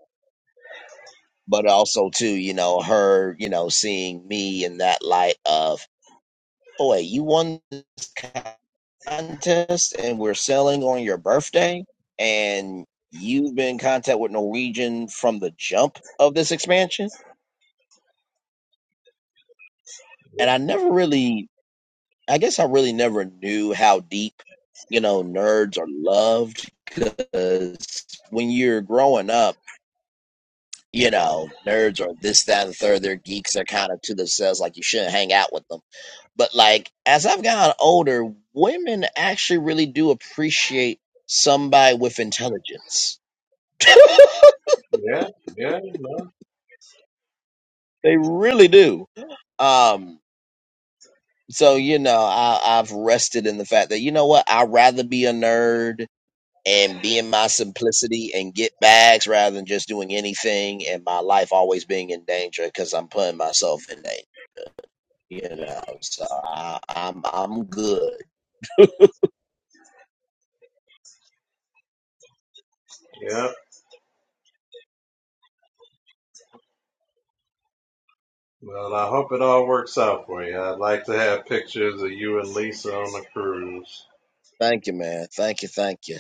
but also too, you know, her, you know, seeing me in that light of, oh wait, you won this contest and we're selling on your birthday and you've been in contact with Norwegian from the jump of this expansion. And I never really I guess I really never knew how deep, you know, nerds are loved, because when you're growing up you know, nerds or this, that, and the third. They're geeks. They're kind of to themselves, like you shouldn't hang out with them. But like as I've gotten older, women actually really do appreciate somebody with intelligence. Yeah, yeah, no, they really do. Um, so you know, I, I've rested in the fact that you know what, I'd rather be a nerd and be in my simplicity and get bags rather than just doing anything and my life always being in danger because I'm putting myself in danger. You know, so I, I'm I'm good. yeah. Well, I hope it all works out for you. I'd like to have pictures of you and Lisa on the cruise. Thank you, man. Thank you, thank you.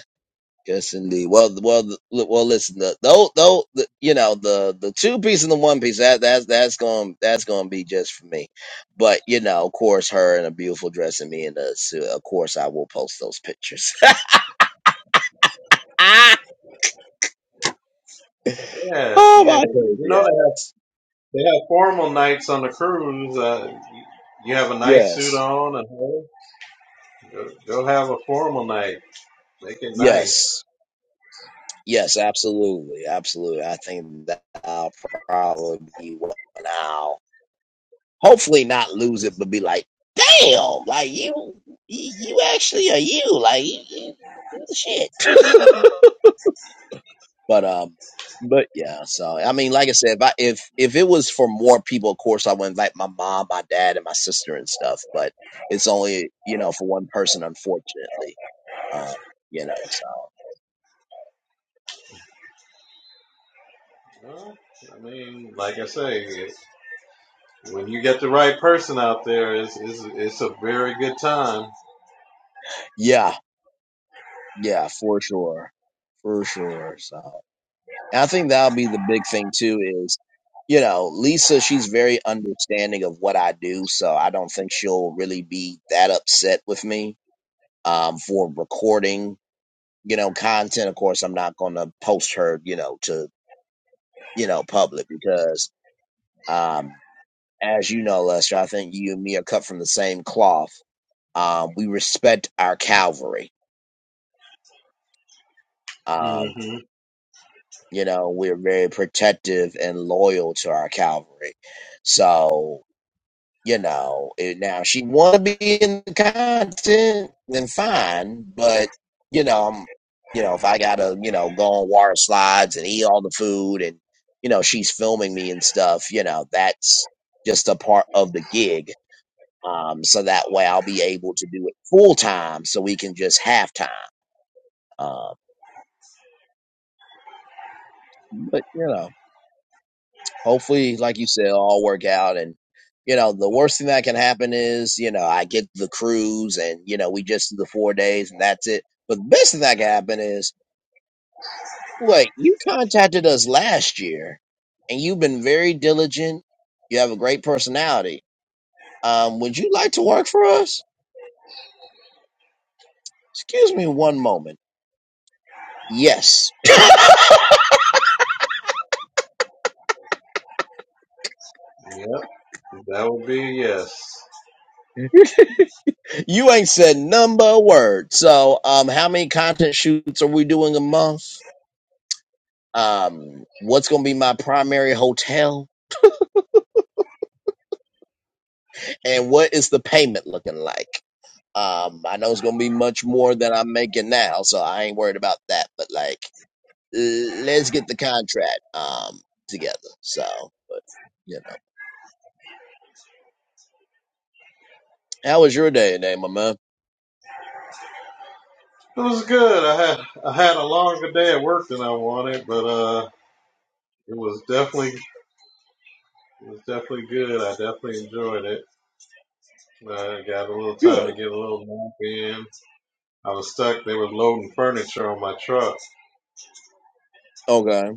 Yes, indeed. Well, th- well, th- li- well. Listen, the though, though, the, you know, the the two piece and the one piece. That that's that's going that's going to be just for me. But you know, of course, her in a beautiful dress and me in a suit. Of course, I will post those pictures. Ah, Yeah, oh yeah. my You goodness! know they have Yes, they have formal nights on the cruise. Uh, you have a nice suit yes, on, and hey, go, go have a formal night. Make it nice. yes, yes. Absolutely, absolutely. I think that I'll probably be one out. hopefully not lose it, but be like, damn, like you, you, you actually are you, like you, you, you the shit. but um, but yeah. So I mean, like I said, if I, if if it was for more people, of course I would invite my mom, my dad, and my sister and stuff. But it's only you know for one person, unfortunately. Um, you know, so Well, I mean, like I say. When you get the right person out there, it's, it's, it's a very good time. yeah, yeah, for sure, for sure. So. And I think that'll be the big thing too is, you know, Lisa, she's very understanding of what I do, so I don't think she'll really be that upset with me um for recording, you know, content. Of course, I'm not going to post her, you know, to, you know, public because um as you know, Lester, I think you and me are cut from the same cloth. Um we respect our cavalry. Um hmm you know, we're very protective and loyal to our cavalry. So, you know eh, now if she want to be in the content then fine but you know i'm you know if i gotta you know go on water slides and eat all the food and you know she's filming me and stuff you know that's just a part of the gig um so that way i'll be able to do it full time so we can just half time um but you know hopefully, like you said, it'll all work out. And, you know, the worst thing that can happen is, you know, I get the cruise and, you know, we just do the four days and that's it. But the best thing that can happen is, wait, you contacted us last year and you've been very diligent. You have a great personality. Um, would you like to work for us? Excuse me one moment. Yes. Yep, that would be yes. You ain't said number a word. So, um, how many content shoots are we doing a month? um, what's going to be my primary hotel, and what is the payment looking like. Um, I know it's going to be much more than I'm making now, so I ain't worried about that. But like, l- let's get the contract um together. So, but you know, how was your day today, my man? It was good. I had I had a longer day at work than I wanted, but uh, it was definitely it was definitely good. I definitely enjoyed it. I got a little time to Good. get a little nap in. I was stuck. They were loading furniture on my truck, Okay.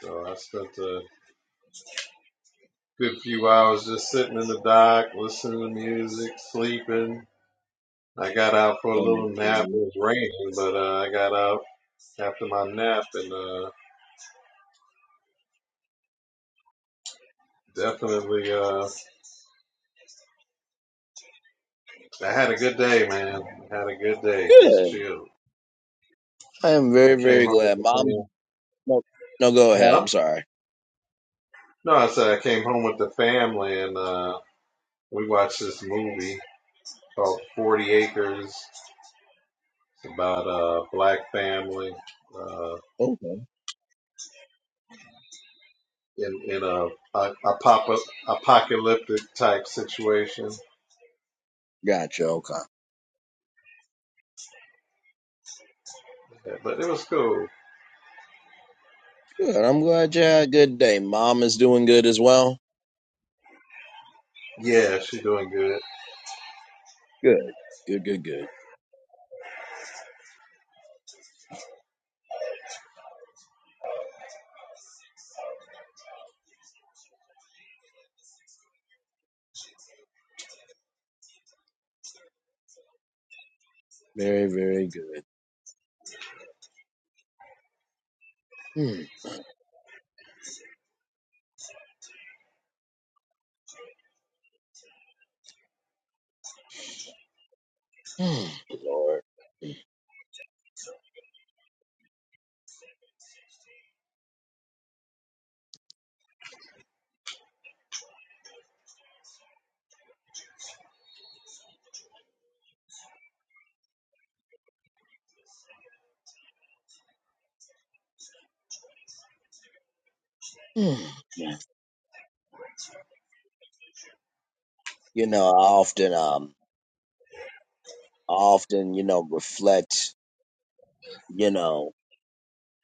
so I spent a good few hours just sitting in the dock, listening to music, sleeping, I got out for a little nap. It Understood. was raining, but uh, I got out after my nap and uh, definitely uh, I had a good day, man. I had a good day. Just Good. chilled. I am very, I came very home with glad. the Mom, fam. no, no, go ahead. Huh? I'm sorry. No, I said I came home with the family and uh, we watched this movie called Forty Acres. It's about a black family uh, Okay. in in a, a, a pop apocalyptic type situation, Gotcha. Okay. but it was cool. Good. I'm glad you had a good day. Mom is doing good as well. Yeah, she's doing good. Good. Good, good, good. Very, very good. Mm, mm, Lord. Mm, man. You know, I often, um, I often, you know, reflect, you know,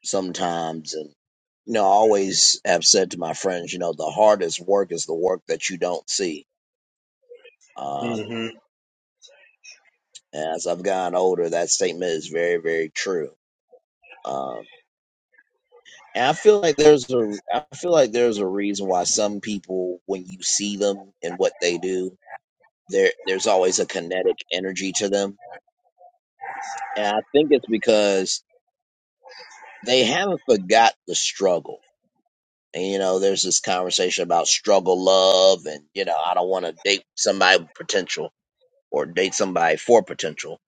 sometimes and, you know, I always have said to my friends, you know, the hardest work is the work that you don't see. Um, Mm-hmm. and as I've gotten older, that statement is very, very true. Um, and I feel like there's a, I feel like there's a reason why some people, when you see them and what they do, there there's always a kinetic energy to them and i think it's because they haven't forgot the struggle and you know there's this conversation about struggle love and you know i don't want to date somebody with potential or date somebody for potential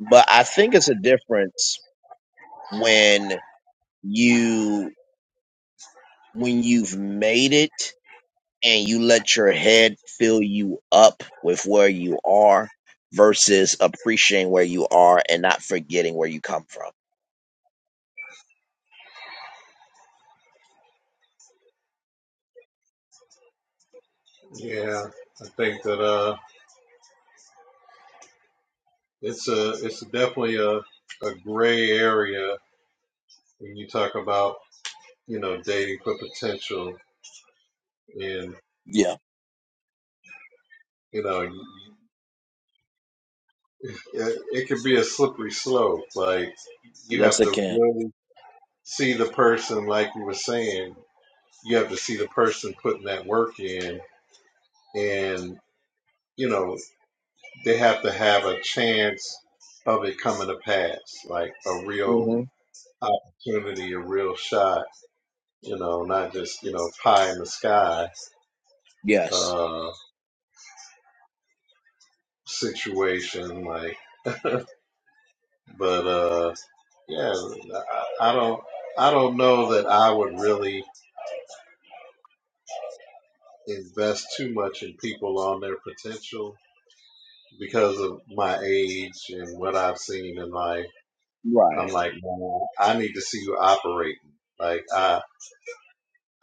but i think it's a difference when you when you've made it and you let your head fill you up with where you are versus appreciating where you are and not forgetting where you come from Yeah, I think that uh, it's a it's definitely a a gray area when you talk about you know dating for potential, and Yeah. you know it, it could be a slippery slope. Like you Yes, have it to can. really see the person, like you were saying, you have to see the person putting that work in, and you know they have to have a chance of it coming to pass, like a real hmm opportunity, a real shot you know, not just, you know, pie in the sky Yes. uh situation like but uh yeah, I, I don't I don't know that I would really invest too much in people on their potential because of my age and what I've seen in life. I'm Right. like, no, I need to see you operating. Like I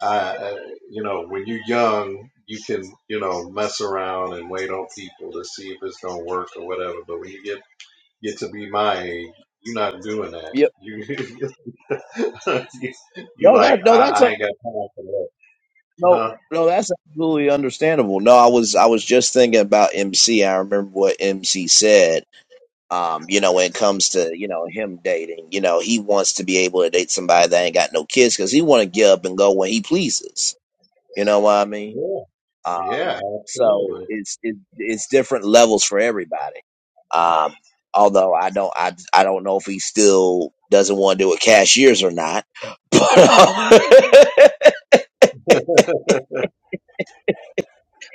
I uh, you know, when you're young, you can, you know, mess around and wait on people to see if it's going to work or whatever, but when you get get to be my age. You're not doing that. Yep. You you, you No, like that no, I, that's a I ain't got time for that. no, Uh-huh. no, that's absolutely understandable. No, I was I was just thinking about MC. I remember what MC said. Um, you know, when it comes to you know him dating, you know, he wants to be able to date somebody that ain't got no kids because he want to get up and go when he pleases. You know what I mean? Yeah, yeah, So absolutely. it's it, it's different levels for everybody. Um, although I don't I I don't know if he still doesn't want to do it cashiers or not. But uh,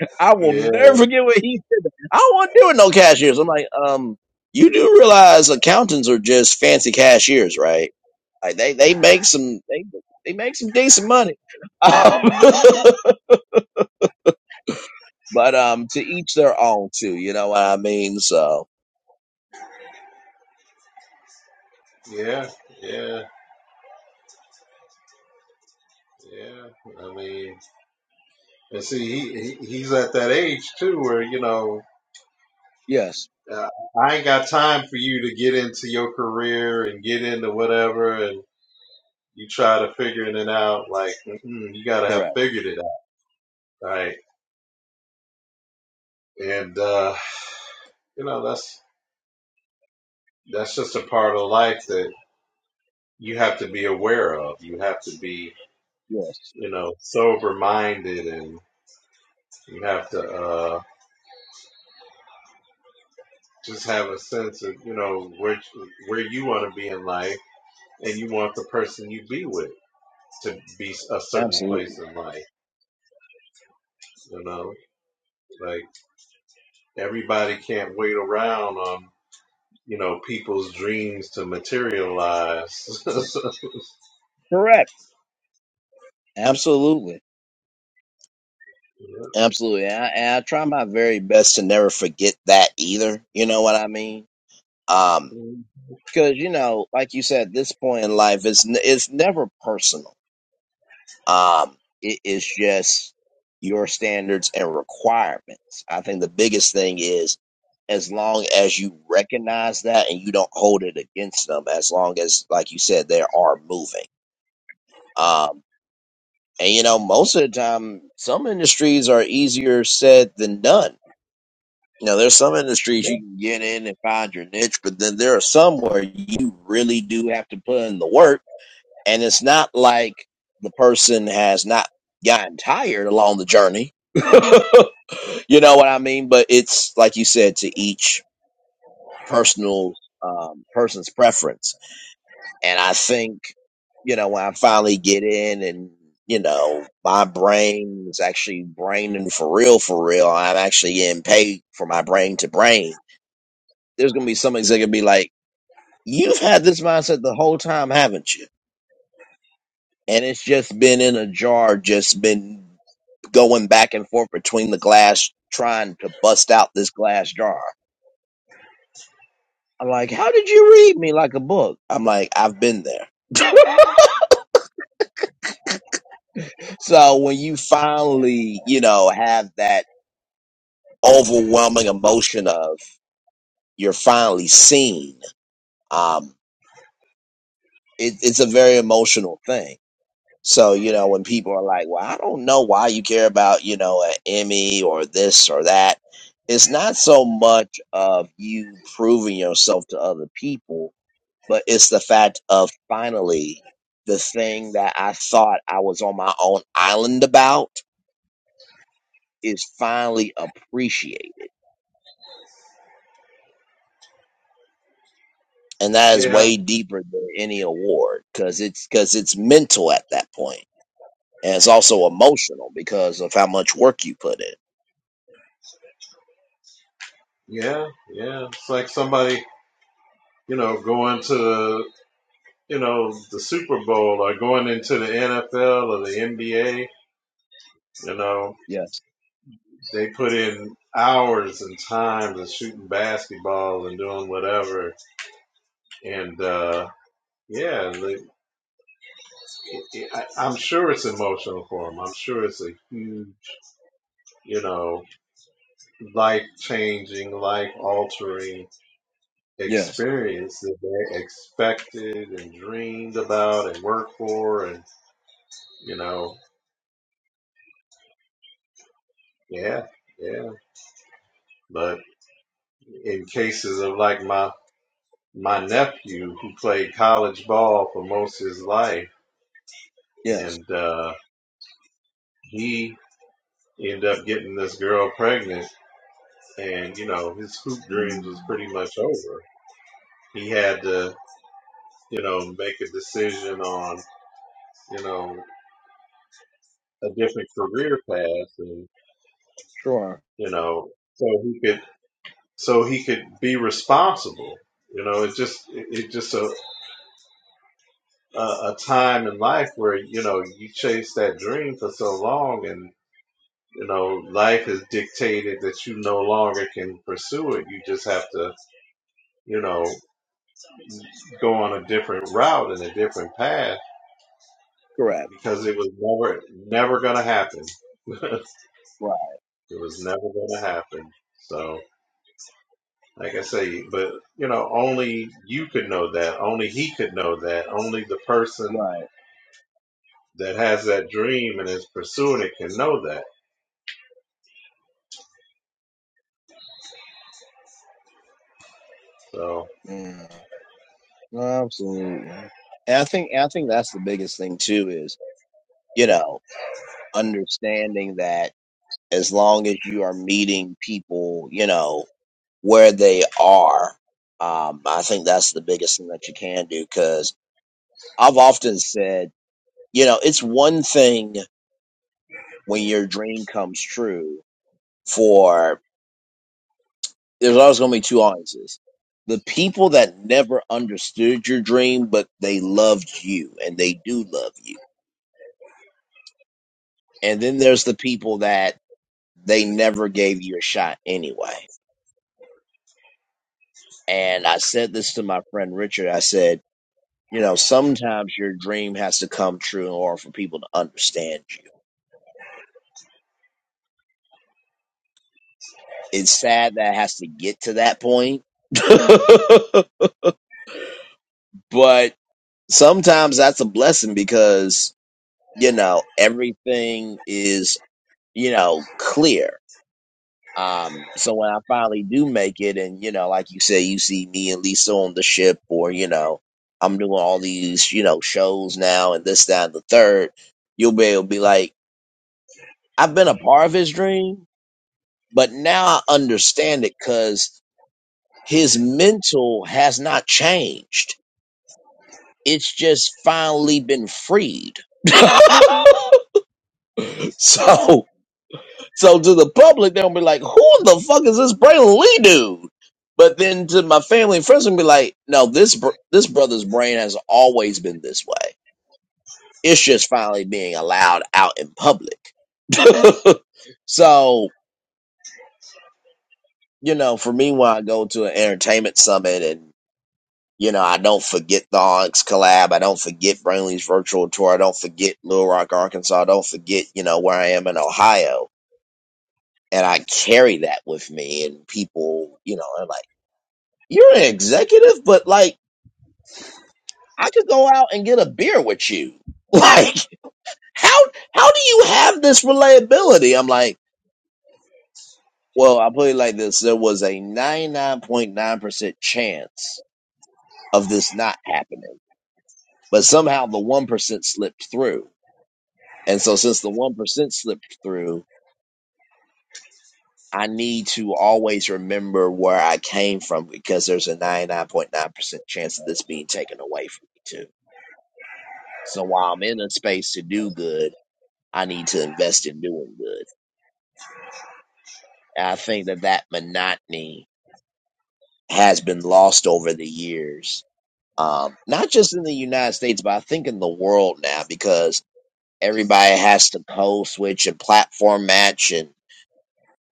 I will Yeah, never forget what he said. I don't want to do it no cashiers. I'm like, um, you do realize accountants are just fancy cashiers, right? Like they they make some they they make some decent money. Um, but um, to each their own, too. You know what I mean? So yeah, yeah, yeah. I mean, and see, he, he he's at that age too where you know. yes, Uh, I ain't got time for you to get into your career and get into whatever, and you try to figuring it out. Like mm-mm, you got to have correct. figured it out, right? And uh, you know that's that's just a part of life that you have to be aware of. You have to be, Yes. you know, sober minded, and you have to uh, just have a sense of, you know, where where you want to be in life, and you want the person you be with to be a certain place Absolutely. in life. You know, like everybody can't wait around on you know people's dreams to materialize. Correct. Absolutely. Absolutely. And I, and I try my very best to never forget that either. You know what I mean? Um, cause you know, like you said, this point in life is, n- it's never personal. Um, it is just your standards and requirements. I think the biggest thing is as long as you recognize that and you don't hold it against them, as long as, like you said, they are moving. Um, And you know, most of the time, some industries are easier said than done. You know, there's some industries you can get in and find your niche, but then there are some where you really do have to put in the work. And it's not like the person has not gotten tired along the journey. you know what I mean? But it's like you said, to each personal um, person's preference and I think, you know, when I finally get in and, you know, my brain is actually braining for real, for real, I'm actually getting paid for my brain to brain. There's going to be some that's going to be like, you've had this mindset the whole time, haven't you? And it's just been in a jar, just been going back and forth between the glass, trying to bust out this glass jar. I'm like, how did you read me like a book? I'm like, I've been there. So when you finally, you know, have that overwhelming emotion of you're finally seen, um, it, it's a very emotional thing. So, you know, when people are like, well, I don't know why you care about, you know, an Emmy or this or that, it's not so much of you proving yourself to other people, but it's the fact of finally the thing that I thought I was on my own island about is finally appreciated and that is yeah, way deeper than any award because it's because it's mental at that point and it's also emotional because of how much work you put in yeah, yeah. It's like somebody you know, going to you know, the Super Bowl or going into the NFL or the NBA, you know, Yes, they put in hours and time to shooting basketball and doing whatever. And, uh, yeah, the, I, I'm sure it's emotional for them. I'm sure it's a huge, you know, life changing, life altering yes, experience that they expected and dreamed about and worked for. And, you know, yeah, yeah. But in cases of like my my nephew who played college ball for most of his life yes. and uh he ended up getting this girl pregnant and you know his hoop dreams Mm, was pretty much over he had to you know make a decision on you know a different career path and sure, you know so he could so he could be responsible you know it just it, it just a, a a time in life where you know you chase that dream for so long and you know, life has dictated that you no longer can pursue it. You just have to, you know, go on a different route and a different path correct because it was never, never going to happen. it right, was never going to happen. So, like I say, but, you know, only you could know that. Only he could know that. Only the person right. that has that dream and is pursuing it can know that. So, Yeah, no, absolutely. And I think I think that's the biggest thing too is you know understanding that as long as you are meeting people you know where they are um, I think that's the biggest thing that you can do I've often said, you know, it's one thing when your dream comes true for there's always going to be two audiences. The people that never understood your dream, but they loved you and they do love you. And then there's the people that they never gave you a shot anyway. And I said this to my friend Richard. I said, you know, sometimes your dream has to come true in order for people to understand you. It's sad that it has to get to that point. but sometimes that's a blessing because you know everything is you know clear um so when i finally do make it and you know like you say you see me and lisa on the ship or you know i'm doing all these you know shows now and this that and the third you'll be able to be like i've been a part of his dream but now i understand it because his mental has not changed it's just finally been freed So, so to the public, they'll be like, "Who the fuck is this Braylon Lee dude?" But then to my family and friends, will be like, "No, this br- this brother's brain has always been this way. It's just finally being allowed out in public." so, you know, for me, when I go to an entertainment summit and you know, I don't forget the Onyx collab. I don't forget Brainley's virtual tour. I don't forget Little Rock, Arkansas. I don't forget, you know, where I am in Ohio and I carry that with me. And people, you know, are like, "You're an executive, but like, I could go out and get a beer with you. Like, how how do you have this reliability?" I'm like, "Well, I'll put it like this: there was a 99.9 percent chance of this not happening, but somehow the one percent slipped through. And so, since the one percent slipped through." I need to always remember where I came from because there's a 99.9% chance of this being taken away from me too. So while I'm in a space to do good, I need to invest in doing good. And I think that that monotony has been lost over the years, um, not just in the United States, but I think in the world now because everybody has to code switch and platform match and,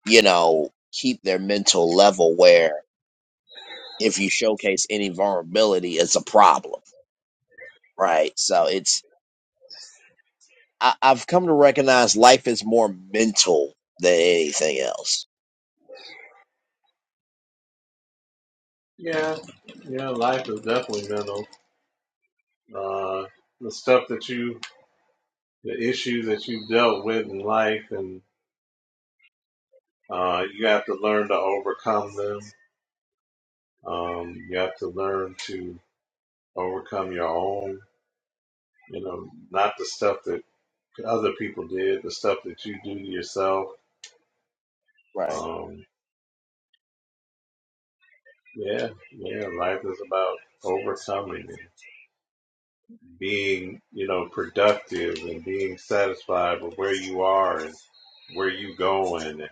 you know, keep their mental level where if you showcase any vulnerability, it's a problem, right? So it's I, I've come to recognize life is more mental than anything else. yeah, yeah, life is definitely mental. Uh, the stuff that you the issues that you've dealt with in life, and uh, you have to learn to overcome them. Um, you have to learn to overcome your own, you know, not the stuff that other people did, the stuff that you do to yourself. Right. Um, yeah, yeah, life is about overcoming and being, you know, productive and being satisfied with where you are and where you going and,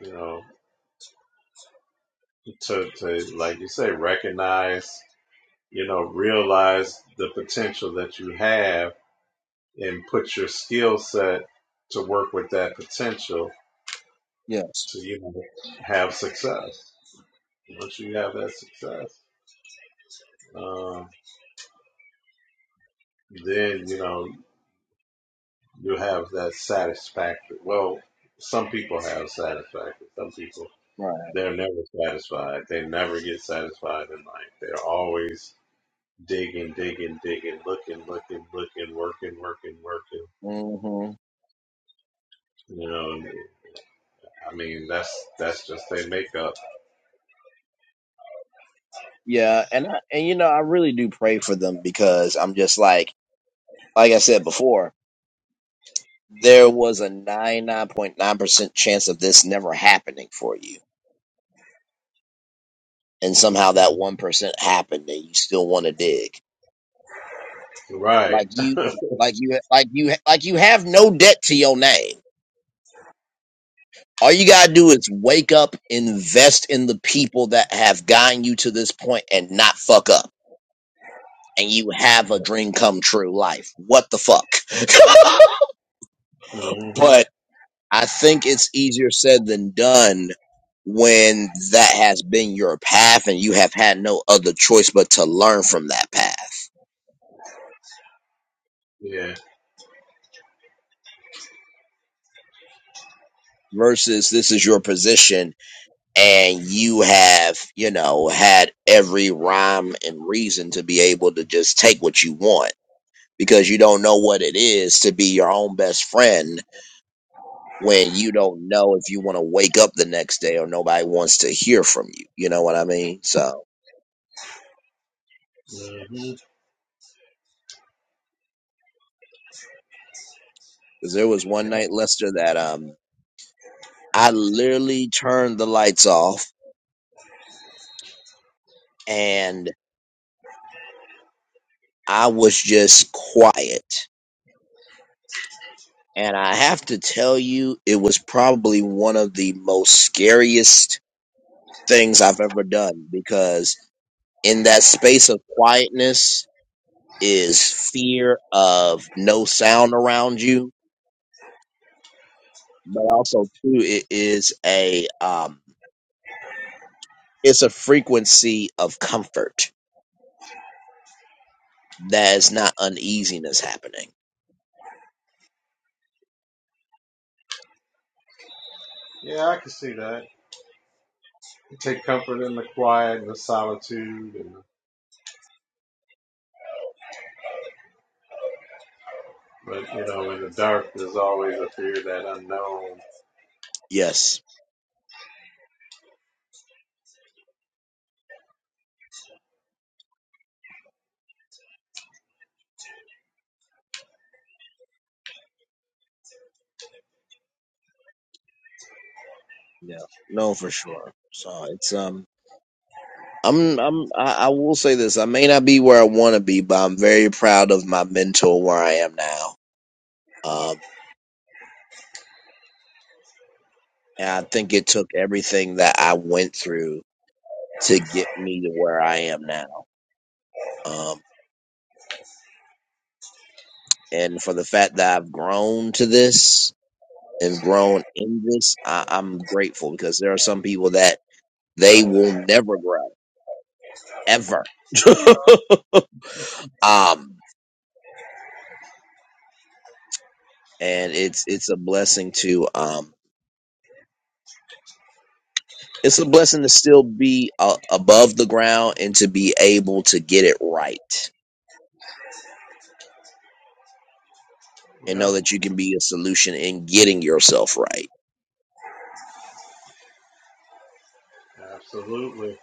you know, to, to like you say, recognize you know, realize the potential that you have and put your skill set to work with that potential Yes. to you know, have success. Once you have that success, um, then you know you have that satisfaction. Well, some people have satisfaction. Some people Right. they're never satisfied. They never get satisfied in life. They're always digging, digging, digging, looking, looking, looking, working, working, working hmm you know, and I mean, that's that's just their makeup, Yeah, and I, and you know I really do pray for them because I'm just like like I said before, there was a nine nine point nine percent chance of this never happening for you, and somehow that one percent happened, and you still want to dig right? like you like you like you like you have no debt to your name All you gotta do is wake up, invest in the people that have gotten you to this point, and not fuck up. And you have a dream come true life. What the fuck? hmm but I think it's easier said than done when that has been your path and you have had no other choice but to learn from that path Yeah. versus this is your position and you have, you know, had every rhyme and reason to be able to just take what you want because you don't know what it is to be your own best friend when you don't know if you want to wake up the next day or nobody wants to hear from you. You know what I mean? So, hmm because there was one Yeah. night, Lester, that um I literally turned the lights off and I was just quiet. And I have to tell you, it was probably one of the most scariest things I've ever done because in that space of quietness, is fear of no sound around you, but also too it is a um it's a frequency of comfort that is not uneasiness happening. Yeah, I can see that. Take comfort in the quiet and the solitude, and but you know, in the dark, there's always a fear of that unknown. Yes. Yeah. No, for sure. So it's um I'm I'm I, I will say this. I may not be where I want to be, but I'm very proud of my mentor where I am now. Um and I think it took everything that I went through to get me to where I am now. Um. and for the fact that I've grown to this and grown in this, I, I'm grateful because there are some people that they will never grow ever. um, and it's it's a blessing to um, it's a blessing to still be uh, above the ground and to be able to get it right and know Yep, that you can be a solution in getting yourself right. absolutely.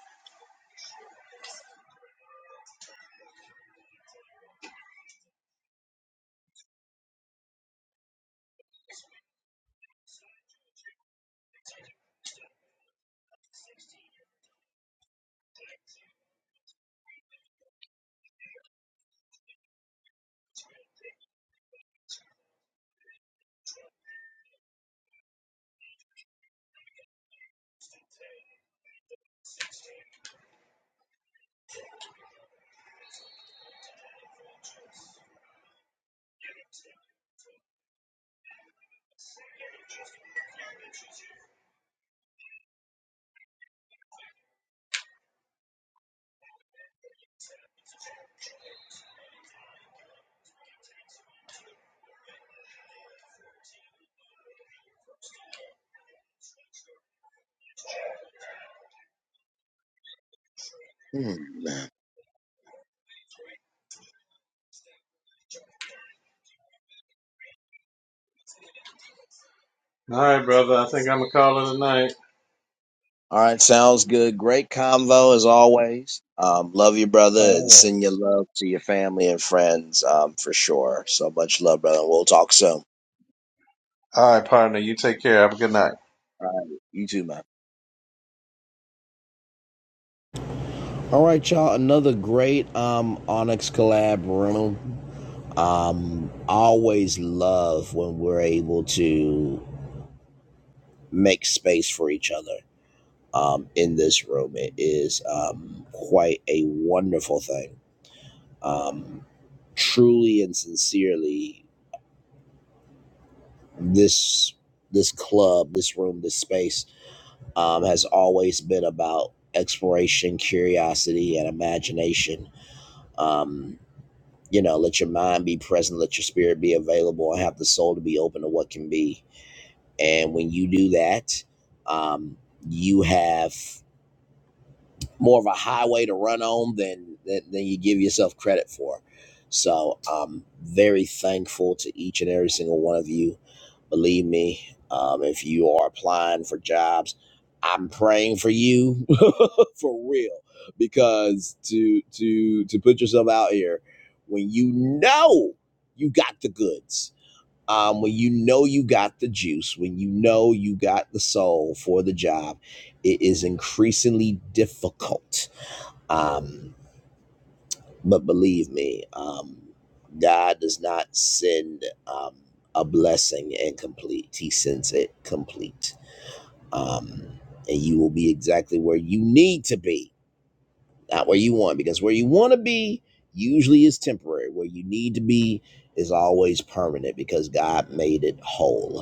Hmm. All right, brother. I think I'm gonna call it a night. All right, sounds good. Great convo as always. Um, love you, brother, and All right, send your love to your family and friends um, for sure. So much love, brother. We'll talk soon. All right, partner. You take care. Have a good night. You too, man. All right, y'all. Another great um, Onyx collab room. Um, always love when we're able to make space for each other um, in this room. It is um, quite a wonderful thing. Um, truly and sincerely this this club, this room, this space um, has always been about exploration, curiosity, and imagination. Um, you know, let your mind be present, let your spirit be available, and have the soul to be open to what can be. And when you do that, um, you have more of a highway to run on than than, than you give yourself credit for. So I'm very thankful to each and every single one of you Believe me, um, if you are applying for jobs, I'm praying for you for real because to to to put yourself out here when you know you got the goods, um, when you know you got the juice, when you know you got the soul for the job, it is increasingly difficult. Um, but believe me, um, God does not send um, a blessing incomplete. He sends it complete. Um, and you will be exactly where you need to be, not where you want, because where you want to be usually is temporary. Where you need to be is always permanent because God made it whole.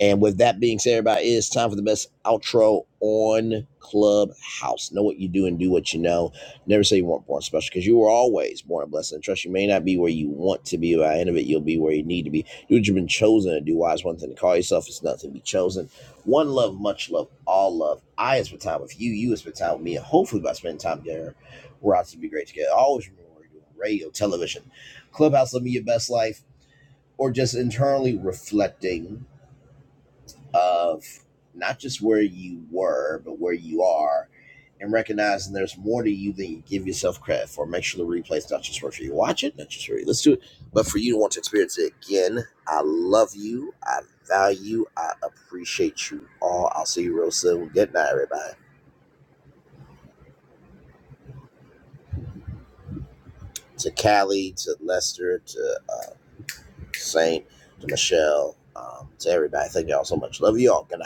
And with that being said, everybody, it's time for the best outro on Clubhouse. Know what you do and do what you know. Never say you weren't born special because you were always born a blessing. Trust you may not be where you want to be, but at the end of it, you'll be where you need to be. Do what you've been chosen to do. Why is one thing to call yourself? It's nothing to be chosen. One love, much love, all love. I is for time with you. You is for time with me. And hopefully, by spending time together, we're out to be great together. Always remember what we're doing radio, television, Clubhouse, living your best life, or just internally reflecting of not just where you were, but where you are, and recognizing there's more to you than you give yourself credit for. Make sure the replay is not just for you to watch it, not just for you to listen to it, but for you to want to experience it again. I love you. I value. I appreciate you all. I'll see you real soon. Good night, everybody. To Callie, to Lester, to uh, Saint, to Michelle, um, to everybody. Thank y'all so much. Love you all. Good night.